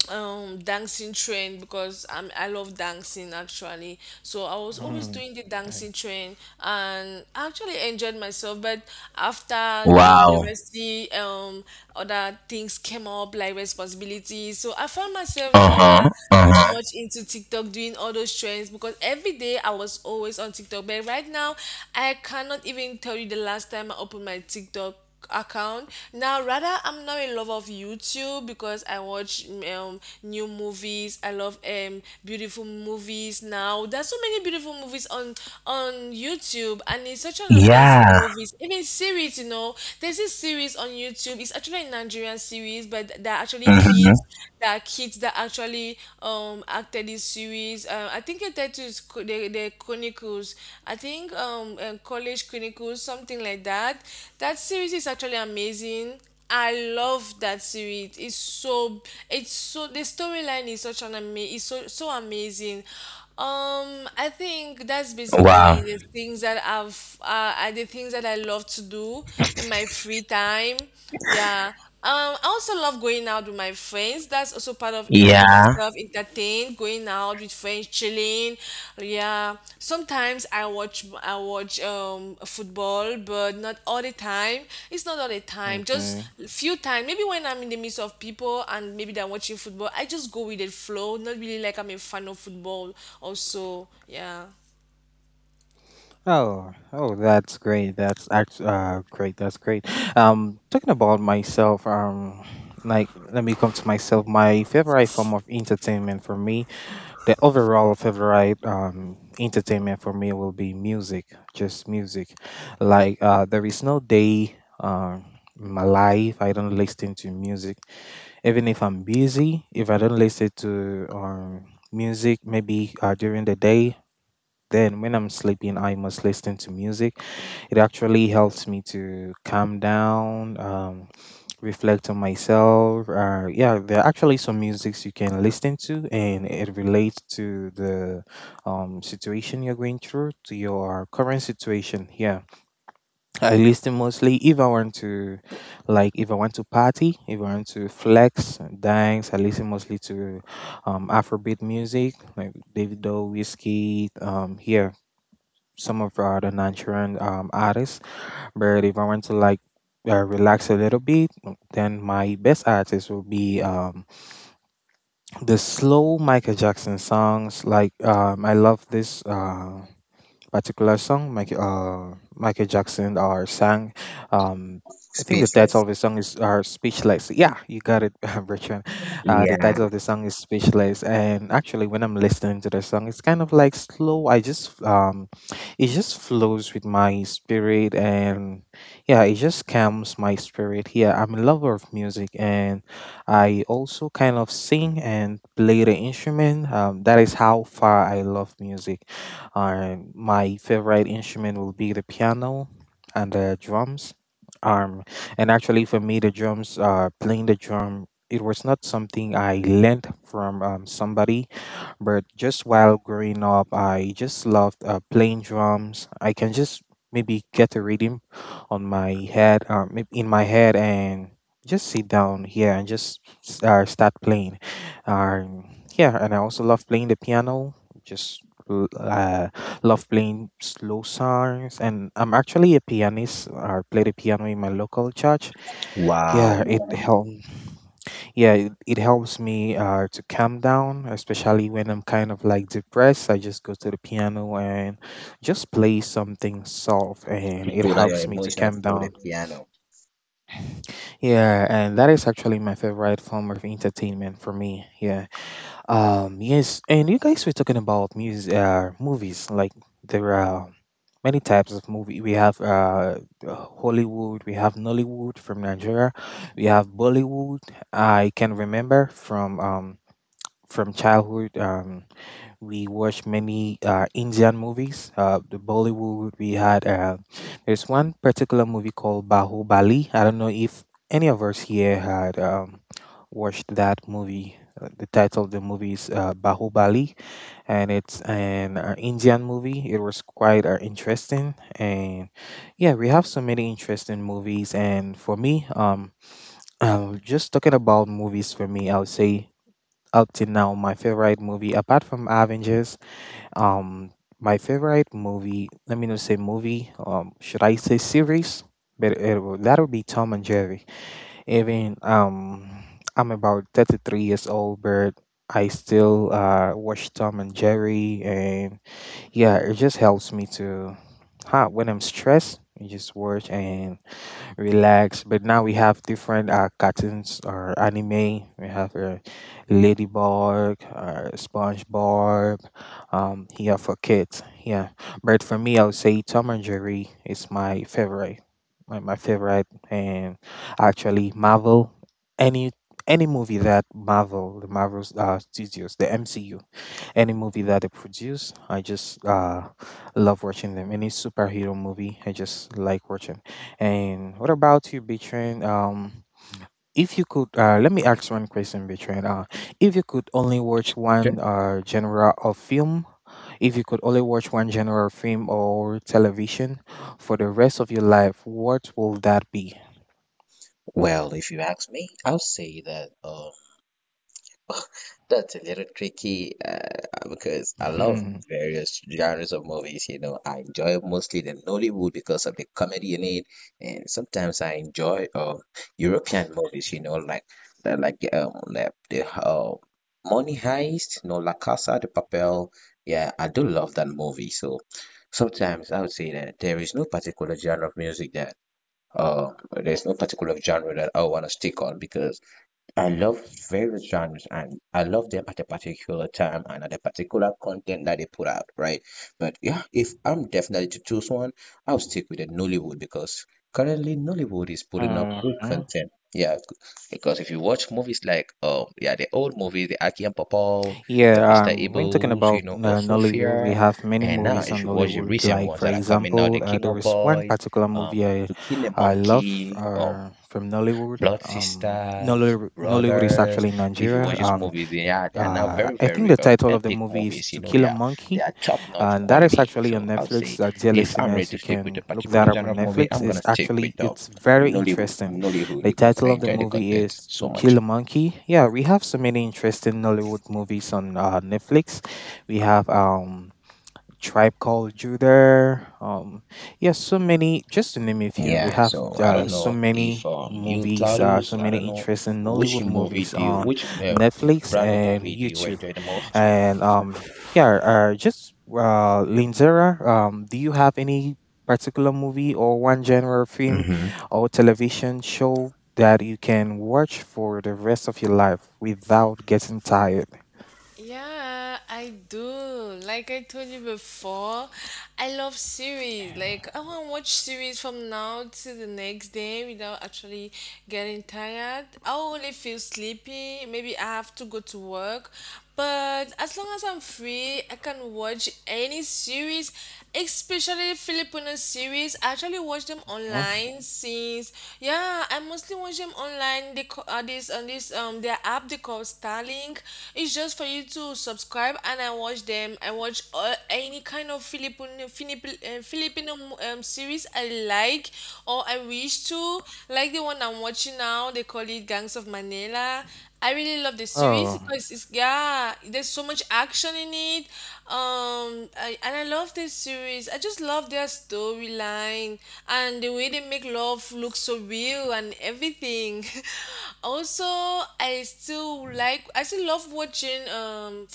um dancing trend, because I'm, I love dancing actually. So I was always
Mm.
doing the
Yeah.
dancing trend and I actually enjoyed myself. But after the
Wow.
university, um, other things came up like responsibilities. So I found myself no
Uh
longer
huh. Uh
so
huh.
much into TikTok doing all those trends, because every day I was always on TikTok. But right now, I cannot even tell you the last time I opened my TikTok account. Now rather, I'm now in love of YouTube, because I watch mm, um new movies. I love um beautiful movies. Now there's so many beautiful movies on on YouTube, and it's such an amazing
Yeah.
movies. Even series, you know, there's this series on YouTube. It's actually a Nigerian series, but they're actually kids.
Mhm.
There are kids that actually um acted this series. um I think I try to the the Chronicles. I think um, um College Chronicles, something like that. That series is actually amazing. I love that series. It's so, it's so the storyline is such an ama- is so, so amazing. Um, I think that's
Wow.
basically the things that I've uh, are the things that I love to do in my free time. Yeah. Um, I also love going out with my friends. That's also part of keeping
Yeah.
myself entertained, going out with friends, chilling. Yeah. Sometimes I watch I watch um football, but not all the time. It's not all the time. Just
Okay.
few times. Maybe when I'm in the midst of people and maybe they're watching football, I just go with the flow. Not really like I'm a fan of football also. Yeah.
Oh, oh, that's great. That's actually uh, great. That's great. Um, talking about myself, um, like let me come to myself. My favorite form of entertainment for me, the overall favorite um entertainment for me will be music. Just music. Like uh, there is no day um in my life I don't listen to music. Even if I'm busy, if I don't listen to um music, maybe uh, during the day, then when I'm sleeping, I must listen to music. It actually helps me to calm down, um, reflect on myself. Uh, yeah, there are actually some musics you can listen to, and it relates to the um, situation you're going through, to your current situation. Yeah, I listen mostly if I want to, like, if I want to party, if I want to flex, dance. I listen mostly to um, Afrobeat music, like David Doe, Whiskey. Um, yeah, some of uh, the Nigerian um, artists. But if I want to like uh, relax a little bit, then my best artist will be um, the slow Michael Jackson songs. Like um, I love this. Uh, particular song Michael, uh, Michael Jackson or sang. Um, I think the title
Speechless?
of the song is are Speechless. Yeah, you got it, [laughs] Bertrand. Uh, the
Yeah.
title of the song is Speechless, and actually, when I'm listening to the song, it's kind of like slow. I just um, it just flows with my spirit, and yeah, it just calms my spirit. Yeah, I'm a lover of music, and I also kind of sing and play the instrument. Um, that is how far I love music, um, my favorite instrument will be the piano and the drums. Um, and actually, for me, the drums, uh, playing the drum, it was not something I learned from um, somebody but just while growing up, I just loved uh, playing drums. I can just maybe get a rhythm on my head, um, maybe in my head, and just sit down here and just s- uh, start playing. Um, yeah, and I also love playing the piano. Just l- uh, love playing slow songs, and I'm actually a pianist. I play the piano in my local church.
Wow.
Yeah, it helped, yeah, it, it helps me uh, to calm down, especially when I'm kind of like depressed. I just go to the piano and just play something soft, and
You
it
put out your
helps me to
emotions
calm
through the
down,
piano.
yeah. And that is actually my favorite form of entertainment for me, yeah. Um yes, and you guys were talking about music, uh movies. Like, there are many types of movie. We have uh Hollywood, we have Nollywood from Nigeria, we have Bollywood. I can remember from um from childhood, um, we watched many uh, Indian movies. Uh, the Bollywood we had. Uh, there's one particular movie called Bahubali. I don't know if any of us here had um, watched that movie. Uh, The title of the movie is uh, Bahubali, and it's an uh, Indian movie. It was quite uh, interesting, and yeah, we have so many interesting movies. And for me, um, [clears throat] um, just talking about movies, for me, I would say up till now, my favorite movie, apart from Avengers, um, my favorite movie, let me not say movie, um, should I say series? But it, will- that'll be Tom and Jerry. Even um, I'm about thirty-three years old, but I still uh, watch Tom and Jerry, and yeah, it just helps me to, huh, when I'm stressed, I just watch and relax. But now we have different uh, cartoons or anime. We have uh, Ladybug, uh, SpongeBob, um, here for kids. Yeah, but for me, I would say Tom and Jerry is my favorite. My, my favorite, and actually Marvel. Any any movie that Marvel, the Marvel uh, Studios, the M C U, any movie that they produce, I just uh, love watching them. Any superhero movie, I just like watching. And what about you, Betrin? Um, if you could, uh, let me ask one question, Betrin. Uh, if you could only watch one uh, genre of film, if you could only watch one genre of film or television for the rest of your life, what will that be?
Wait. Oh. Picky uh, because I love
[laughs]
various genres of movies. You know, I enjoy mostly the Nollywood because of the comedy in it, and sometimes I enjoy uh, European like uh, like the, um the, the uh, Money Heist, no, La Casa de Papel. Yeah, I do love that movie. So sometimes I would say that there is no particular genre of music that uh there's no particular genre that I want to stick on because I love various genres and I love them at a particular time and at a particular content that they put out, right? But yeah, if I'm definitely to choose one, I'll stick with the Nollywood because currently Nollywood is putting up good
Okay.
content. Yeah, c- because if you watch movies like um yeah, the old movies, the Aki and Papaws, the
Yeah,
mister
um, when talking
Ibles, you
about
know, or
uh, Nollywood, we
Sophia,
have many
and now
movies
if
on
you watch the
Nollywood.
recent
Like,
ones
for
that are coming out, The
example, uh,
King
there
of
is one
Boys,
particular movie
um,
I,
To Kill a
I love
Monkey, um,
uh, from Nollywood.
Blood
Um,
Sisters,
Nollywood, Nollywood is
Brothers.
actually in
If you
Nigeria.
watch these
Um,
movies, they are they are now
uh,
very,
I think
very
the
um,
title of the
epic
movie is
movies. You
To
know, they
Kill a
are they
Monkey,
are top-notch
and that is
quality.
actually
So
on
I would say
Netflix. Our dear
if I'm ready
listeners,
to
you
stick with
can
a
look that
particular
up
genre
on
of movie,
Netflix.
I'm gonna
It's
stick
actually,
with um,
it's very
Nollywood,
interesting.
Nollywood
The
because I
title of the
enjoy the
movie
content
is
so
To
much.
Kill a Monkey. Yeah, we have so many interesting Nollywood movies on uh, Netflix. We have um Tribe Called Judah. Um, yeah, so many. Just to name a few, we
Yeah,
have
so I
uh,
don't
so
know if
many
um you
movies, uh, so
Claudius, I
many
don't know
interesting
which
Nollywood
movie
movies
do you,
on
which um,
Netflix
brand of
and
movie do you
YouTube,
enjoy the most?
and um, yeah, uh, just uh, Linzera. Um, do you have any particular movie or one genre of film or television show that you can watch for the rest of your life without getting tired?
Yeah, I do. Like I told you before, I love series. Like I want to watch series from now to the next day without actually getting tired. I only feel sleepy. Maybe I have to go to work. But as long as I'm free, I can watch any series, especially Filipino series. I actually watch them
Yeah.
online. Since, yeah, I mostly watch them online. They co- uh, this on this um um their app, they call Starlink. It's just for you to subscribe and I watch them. I watch all, any kind of Filipino Filipino, uh, Filipino um, series I like or I wish to. Like the one I'm watching now, they call it Gangs of Manila. I really love the series
Oh.
because it's yeah, there's so much action in it. Um, I, and I love this series. I just love their storyline and the way they make love look so real and everything. [laughs] Also, I still like I still love watching um,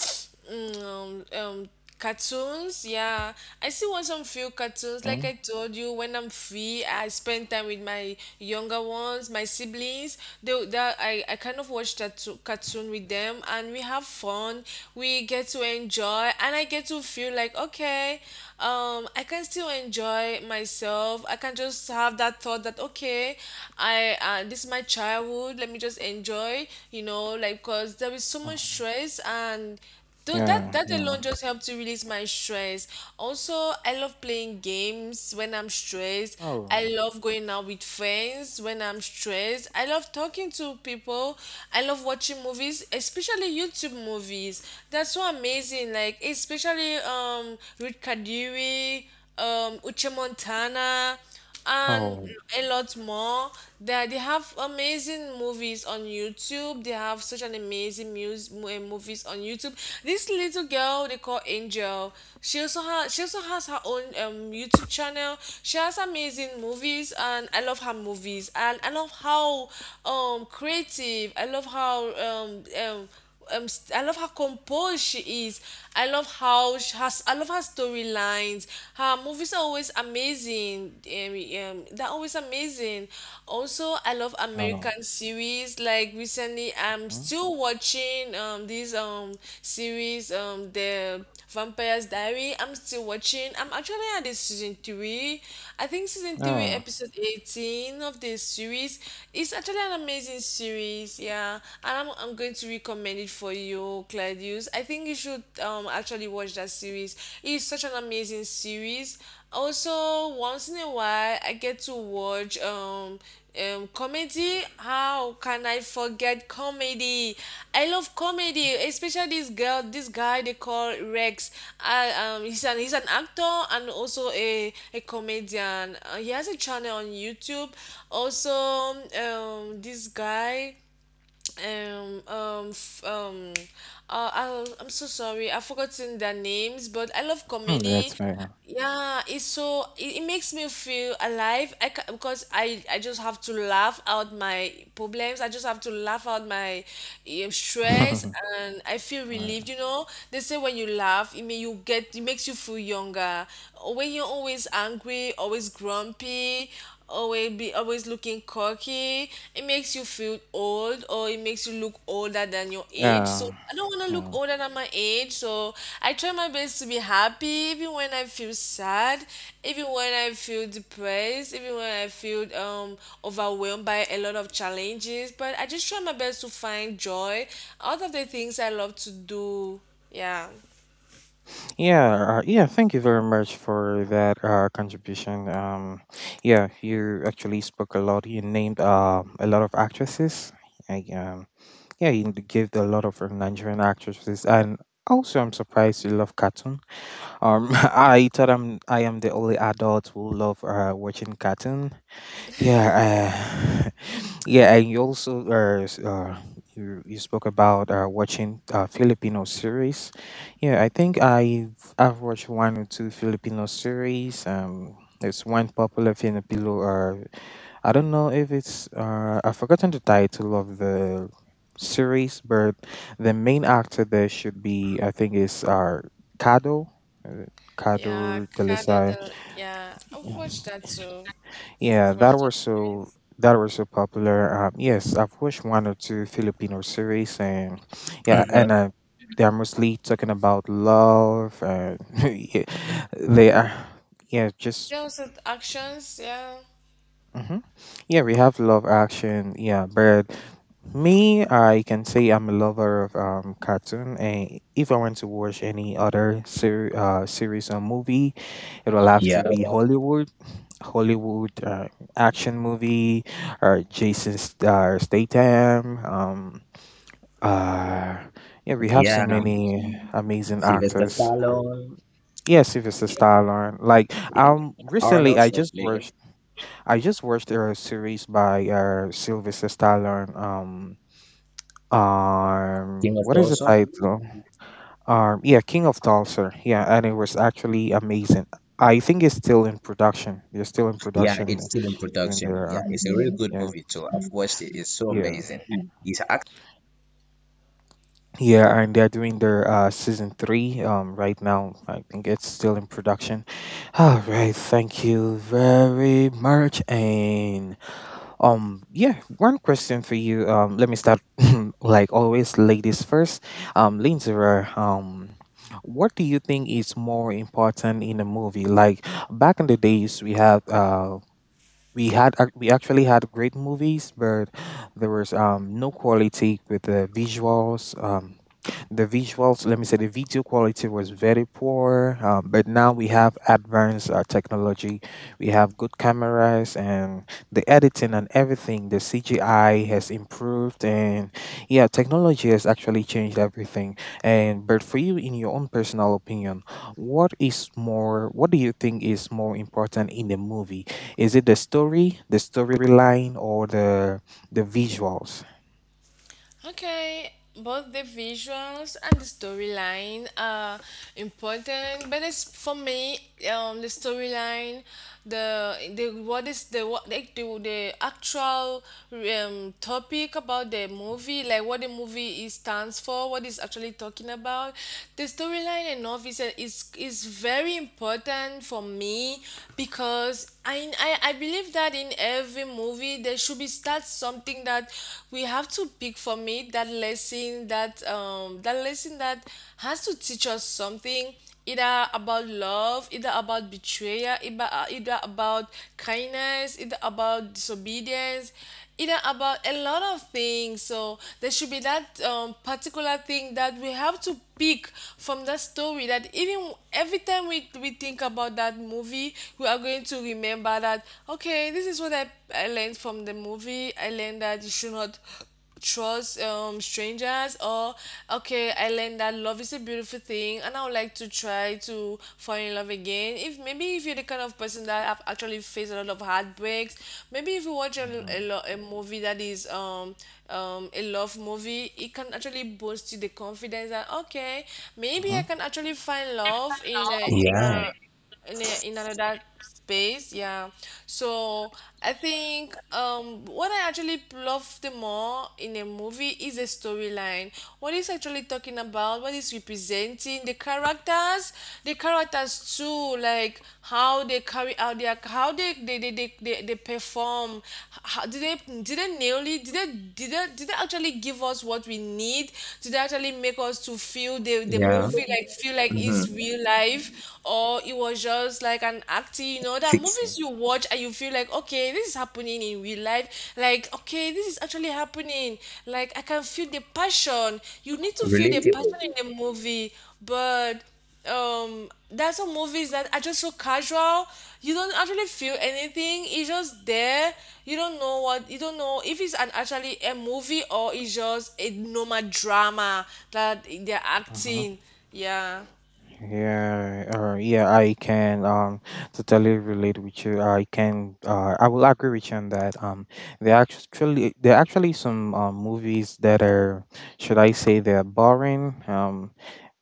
[sniffs] um, um cartoons, yeah. I still watch some few cartoons. Like
Okay.
I told you, when I'm free, I spend time with my younger ones, my siblings. They, they I, I kind of watch that to- cartoon with them, and we have fun. We get to enjoy, and I get to feel like okay, um, I can still enjoy myself. I can just have that thought that okay, I uh, this is my childhood. Let me just enjoy, you know, like because there is so much
Mhm.
stress. And though that
Yeah.
that
Yeah.
alone just helped to release my stress. Also, I love playing games when I'm stressed. I
Oh.
love going out with friends when I'm stressed. I love talking to people. I love watching movies, especially YouTube movies. That's so amazing. Like especially um Ruth Kadiri, um Uche Montana, and
Oh.
a lot more. They, they have amazing movies on YouTube. They have such an amazing mus- mo- eh, movies on YouTube. This little girl they call Angel. She also has she also has her own um, YouTube channel. She has amazing movies, and I love her movies. And I love how um creative. I love how um um um, st- I love how composed she is. I love how she has. I love her storylines. Her movies are always amazing. Um, um, they're always amazing. Also, I love
Oh.
American series. Like recently, I'm
Okay.
still watching um this um series um the Vampire's Diary. I'm still watching. I'm actually at the season three. I think season three,
Yeah.
episode eighteen of the series. It's actually an amazing series, yeah. And I'm I'm going to recommend it for you, Claudius. I think you should um actually watch that series. It's such an amazing series. Also, once in a while, I get to watch um um, comedy. How can I forget comedy? I love comedy, especially this girl, this guy they call Rex. I, um, he's an he's an actor and also a a comedian. Uh, he has a channel on YouTube. Also, um, this guy um um f- um uh, I, I'm so sorry I've forgotten their names, but I love
Hmm,
comedy,
that's fair.
yeah. It's so it, it makes me feel alive. I ca- because i i just have to laugh out my problems. I just have to laugh out my um, stress,
[laughs]
and I feel
Alright.
relieved you know They say when you laugh, it may you get it makes you feel younger. When you're always angry, always grumpy, always be always looking cocky, it makes you feel old, or it makes you look older than your age.
Yeah.
So I don't want to look
Yeah.
older than my age. So I try my best to be happy even when I feel sad, even when I feel depressed, even when I feel um overwhelmed by a lot of challenges. But I just try my best to find joy out of the things I love to do. Yeah.
Yeah. Uh, yeah, thank you very much for that uh, contribution. Um, yeah, you actually spoke a lot. You named um a lot of actresses. I, um, Yeah, you gave a lot of um, Nigerian actresses, and also I'm surprised you love cartoon. Um, [laughs] I thought I'm I am the only adult who love uh, watching cartoon. Yeah, uh, [laughs] yeah, and you also uh, s- uh you you spoke about uh, watching uh, Filipino series. Yeah, I think I've I've watched one or two Filipino series. Um, there's one popular Filipino uh, I don't know if it's uh, I've forgotten the title of the series, but the main actor there should be, I think, is uh, Kado, uh,
Yeah,
Kado
Cara del,
Delisai.
yeah, I've watched that too. I've
Yeah, that
watched that
was so,
series.
that was so popular. Um, yes, I've watched one or two Filipino series, and yeah,
Mhm.
and uh, they are mostly talking about love, and [laughs] yeah, they are, yeah, just
Those are the actions, yeah.
hmm. Yeah, we have love action. Yeah, but me, I can say I'm a lover of um cartoon, and if I want to watch any other ser- uh, series or movie, it will have
Yeah,
to be Hollywood, Hollywood uh, action movie, or Jason St- uh, Statham. Um, uh, yeah, we have so
yeah.
many amazing
Sylvester
actors. Uh,
Stallone,
Yeah, Sylvester Stallone. Like, um, recently
Arnold
I just
Schwarzenegger,
watched I just watched a series by uh, Sylvester Stallone. Um, um,
King of
what is the
also.
title? Um, yeah, King of Tulsa. Yeah, and it was actually amazing. I think it's still in production. They're still in
Yeah,
production
it's
uh,
still in
doing
production.
their
Yeah,
uh,
it's a really good
yeah,
movie too. I've watched it. It's so
yeah,
amazing. It's act.
yeah, and they're doing their uh, season three um right now. I think it's still in production. All right, thank you very much, and. Um, yeah, one question for you. Um, let me start, [laughs] like always, ladies first. Um, Lindsay, um, what do you think is more important in a movie? Like, back in the days, we had uh, we had ac- we actually had great movies, but there was um no quality with the visuals. Um, the visuals, let me say, the video quality was very poor. Um, but now we have advanced uh, technology. We have good cameras and the editing and everything. The C G I has improved, and yeah, technology has actually changed everything. And but for you, in your own personal opinion, what is more? What do you think is more important in the movie? Is it the story, the storyline, or the the visuals?
Okay, both the visuals and the storyline are important, but it's for me, um, the storyline, the the what is the what like the, the actual um topic about the movie, like what the movie is stands for, what is actually talking about. The storyline and novice is is very important for me, because I, I I believe that in every movie there should be start some something that we have to pick from it, that lesson that um that lesson that has to teach us something, either about love, either about betrayal, either, uh, either about kindness, either about disobedience, either about a lot of things. So there should be that um, particular thing that we have to pick from that story, that even every time we, we think about that movie, we are going to remember that okay, this is what i I, I learned from the movie. I learned that you should not trust um strangers, or okay, I learned that love is a beautiful thing, and I would like to try to fall in love again. If maybe if you're the kind of person that have actually faced a lot of heartbreaks, maybe if you watch a,
Mhm,
a, lo- a movie that is um um a love movie, it can actually boost you the confidence that okay, maybe I
mhm,
can actually find love in a in
Yeah,
a in, a, in another space, yeah. So I think um what I actually love the more in a movie is the storyline, what is actually talking about, what is representing the characters, the characters too, like how they carry out their how they they they, they, they, they perform. How, did they did they nail it? did they did they did they actually give us what we need? Did they actually make us to feel the the
yeah.
movie, like feel like it's
Mm-hmm.
real life, or it was just like an acting, you know, that movies
Fixing,
you watch and you feel like okay, this is happening in real life. Like, okay, this is actually happening. Like, I can feel the passion. You need to feel the
relatable.
passion in the movie, but um there's some movies that are just so casual, you don't actually feel anything. It's just there. You don't know what you don't know if it's an actually a movie, or it's just a normal drama that they're
mhm.
acting. Yeah,
Yeah, uh, yeah, I can um totally relate with you. I can uh I will agree with you on that. Um there are actually, there are actually some um movies that are, should I say, they're boring. Um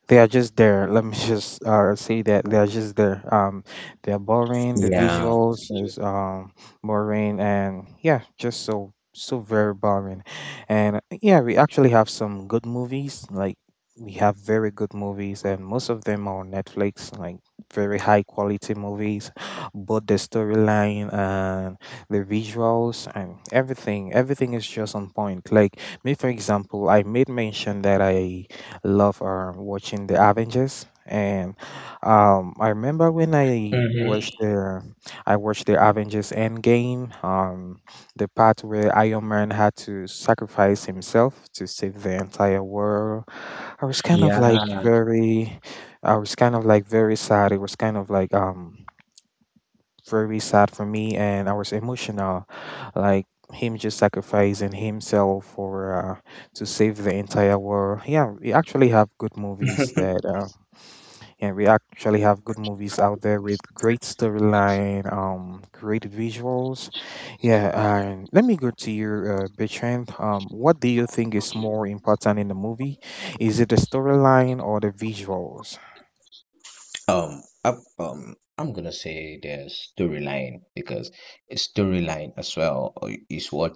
They are just there. Let me just uh, say that they are just there. Um, they are boring. The
Yeah.
visuals is um boring, and yeah, just so, so very boring. And yeah, we actually have some good movies. Like, we have very good movies, and most of them are on Netflix. Like, very high quality movies, but the storyline and the visuals and everything, everything is just on point. Like me, for example, I made mention that I love uh, watching the Avengers. And um, I remember when I watched
Mm-hmm.
the I watched the Avengers Endgame, um, the part where Iron Man had to sacrifice himself to save the entire world. I was kind of
Yeah.
like very, I was kind of like very sad. It was kind of like um very sad for me, and I was emotional, like him just sacrificing himself for uh, to save the entire world. Yeah, we actually have good movies
[laughs]
that. Uh, yeah, we actually have good movies out there with great storyline, um, great visuals. Yeah, and let me go to your uh, Bertrand. Um, what do you think is more important in the movie? Is it the storyline or the visuals?
Um, I, um, I'm gonna say the storyline because a storyline as well uh, is what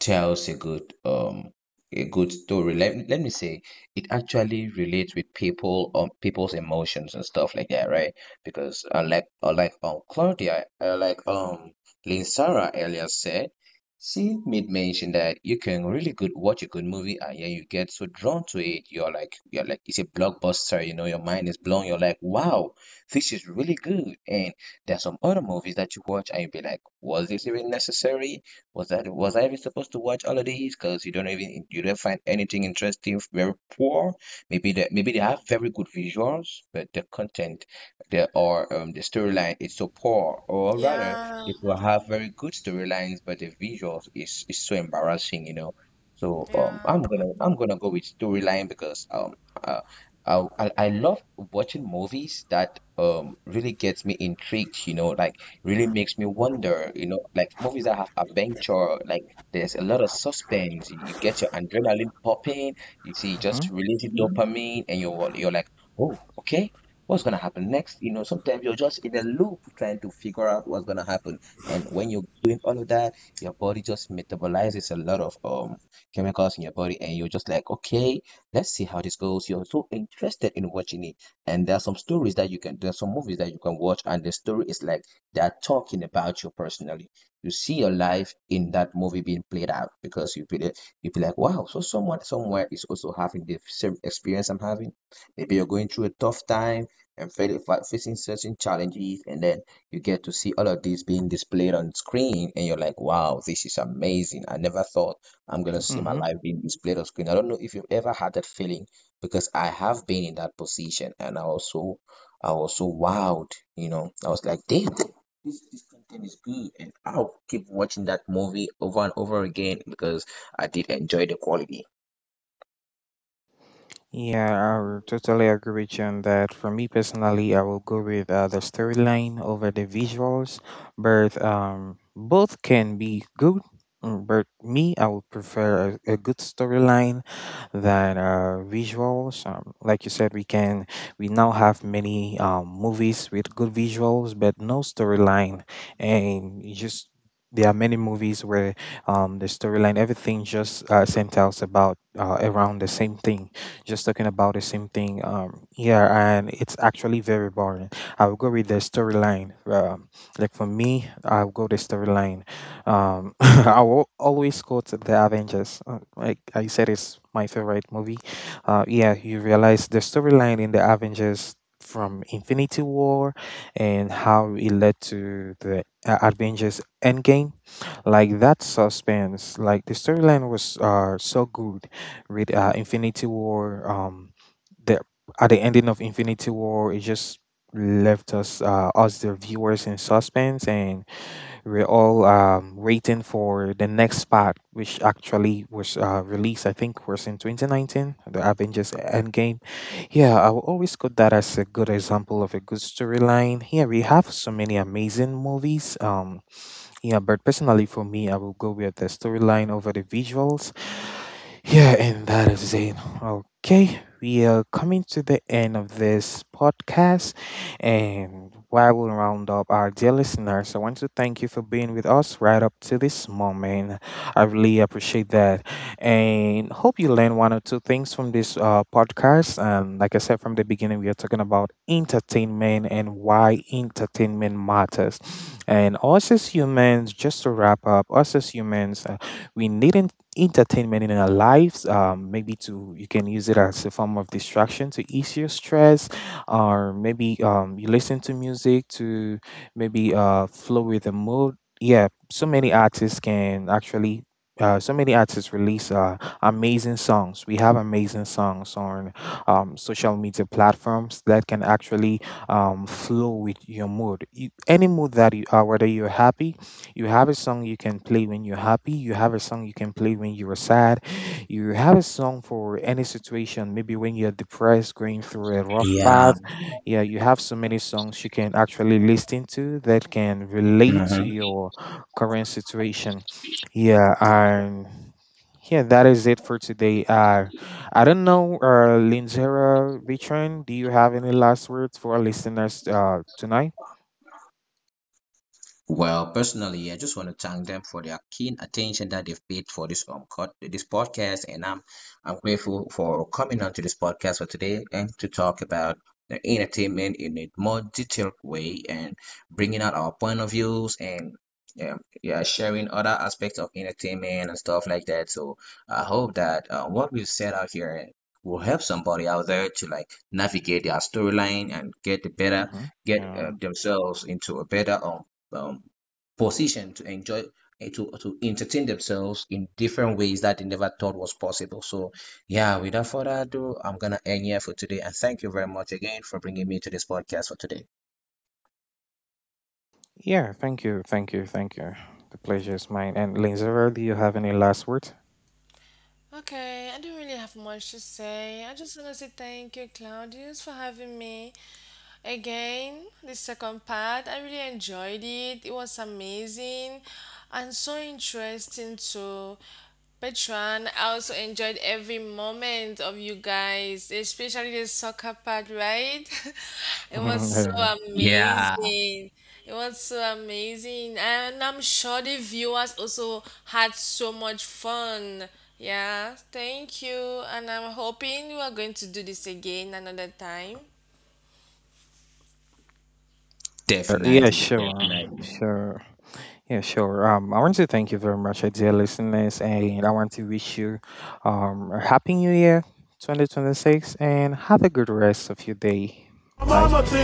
tells a good um a good story. Let, let me say it actually relates with people um people's emotions and stuff like that, right? Because unlike unlike um Claudia, uh, like um Lynn Sarah earlier said, she made mention that you can really good watch a good movie and yeah, you get so drawn to it. You're like you're like it's a blockbuster, you know, your mind is blown. You're like, wow, this is really good. And there's some other movies that you watch and you'll be like, was this even necessary? Was that was I even supposed to watch all of these? Cause you don't even you don't find anything interesting. Very poor. Maybe that maybe they have very good visuals, but the content, the or um the storyline is so poor. Or rather,
yeah,
it will have very good storylines, but the visuals is is so embarrassing. You know. So um,
yeah.
I'm gonna I'm gonna go with storyline because um uh, I I I love watching movies that um really gets me intrigued. You know, like really makes me wonder, you know, like movies that have adventure, like there's a lot of suspense. You you get your adrenaline popping, you see just releasing dopamine, and you're you're like, oh, okay, what's gonna happen next? You know, sometimes you're just in a loop trying to figure out what's gonna happen. And when you're doing all of that, your body just metabolizes a lot of um chemicals in your body, and you're just like, okay, let's see how this goes. You're so interested in watching it. And there are some stories that you can, there are some movies that you can watch, and the story is like they're talking about you personally. You see your life in that movie being played out because you feel you feel like, wow, so someone somewhere is also having the same experience I'm having. Maybe you're going through a tough time and facing certain challenges, and then you get to see all of this being displayed on screen, and you're like, wow, this is amazing. I never thought I'm gonna see my
Mm-hmm.
life being displayed on screen. I don't know if you've ever had that feeling because I have been in that position, and I was so, I was so wowed. You know, I was like, damn, this this content is good and I'll keep watching that movie over and over again because I did enjoy the quality.
Yeah, I will totally agree with you on that. For me personally, I will go with uh, the storyline over the visuals, but um, both can be good. mm, But me, I would prefer a, a good storyline than uh, visuals. Um, like you said, we can, we now have many um, movies with good visuals, but no storyline, and you just, there are many movies where um, the storyline, everything just uh, centers about uh, around the same thing, just talking about the same thing. Um, yeah, and it's actually very boring. I'll go with the storyline. Um, like, for me, I'll go the storyline. Um, [laughs] I will always go to the Avengers. Uh, Like I said, it's my favorite movie. Uh, yeah, you realize the storyline in the Avengers from Infinity War and how it led to the uh, Avengers Endgame, like, that suspense, like, the storyline was uh so good. Read uh, Infinity War. Um, the at the ending of Infinity War, it just left us uh, us the viewers in suspense, and we're all um, waiting for the next part, which actually was uh, released. I think was in twenty nineteen, the Avengers Endgame. Yeah, I will always quote that as a good example of a good storyline. Here we have so many amazing movies. Um, yeah, but personally for me, I will go with the storyline over the visuals. Yeah, and that is Zane. Okay, we are coming to the end of this podcast. And while we round up, our dear listeners, I want to thank you for being with us right up to this moment. I really appreciate that. And hope you learn one or two things from this uh, podcast. And like I said from the beginning, we are talking about entertainment and why entertainment matters. And us as humans, just to wrap up, us as humans, uh, we need entertainment in our lives. Um, maybe to, you can use it as a form of distraction to ease your stress, or maybe um, you listen to music to maybe uh, flow with the mood. Yeah, so many artists can actually. Uh, so many artists release uh, amazing songs. We have amazing songs on um, social media platforms that can actually um, flow with your mood. You, any mood that you are, whether you're happy, you have a song you can play when you're happy. You have a song you can play when you're sad. You have a song for any situation, maybe when you're depressed, going through a rough
Yeah.
path. Yeah, you have so many songs you can actually listen to that can relate to
Mhm.
your current situation. Yeah, and yeah, that is it for today. Uh, I don't know, uh, Linzera Vitran, do you have any last words for our listeners uh, tonight?
Well, personally, I just want to thank them for their keen attention that they've paid for this um cod- this podcast, and I'm I'm grateful for coming onto this podcast for today and to talk about the entertainment in a more detailed way and bringing out our point of views and yeah, yeah, sharing other aspects of entertainment and stuff like that. So I hope that uh, what we've said out here will help somebody out there to like navigate their storyline and get the better
Mhm.
get uh,
Yeah.
themselves into a better um um, position to enjoy eh, to to entertain themselves in different ways that they never thought was possible. So, yeah, without further ado, I'm gonna end here for today, and thank you very much again for bringing me to this podcast for today.
Yeah, thank you, thank you, thank you. The pleasure is mine. And Linzera, do you have any last words?
Okay, I don't really have much to say. I just want to say thank you, Claudius, for having me again. The second part, I really enjoyed it. It was amazing and so interesting too. Petran, I also enjoyed every moment of you guys, especially the soccer part, right? [laughs]
[laughs]
It was so
Yeah,
Yeah,
amazing. It was so amazing. And I'm sure the viewers also had so much fun. Yeah, thank you. And I'm hoping we are going to do this again another time.
yeah,
definitely,
sure,
definitely.
sure. Yeah, sure. Um, I want to thank you very much, uh, dear listeners, and I want to wish you um a happy new year, twenty twenty-six, and have a good rest of your day. Bye.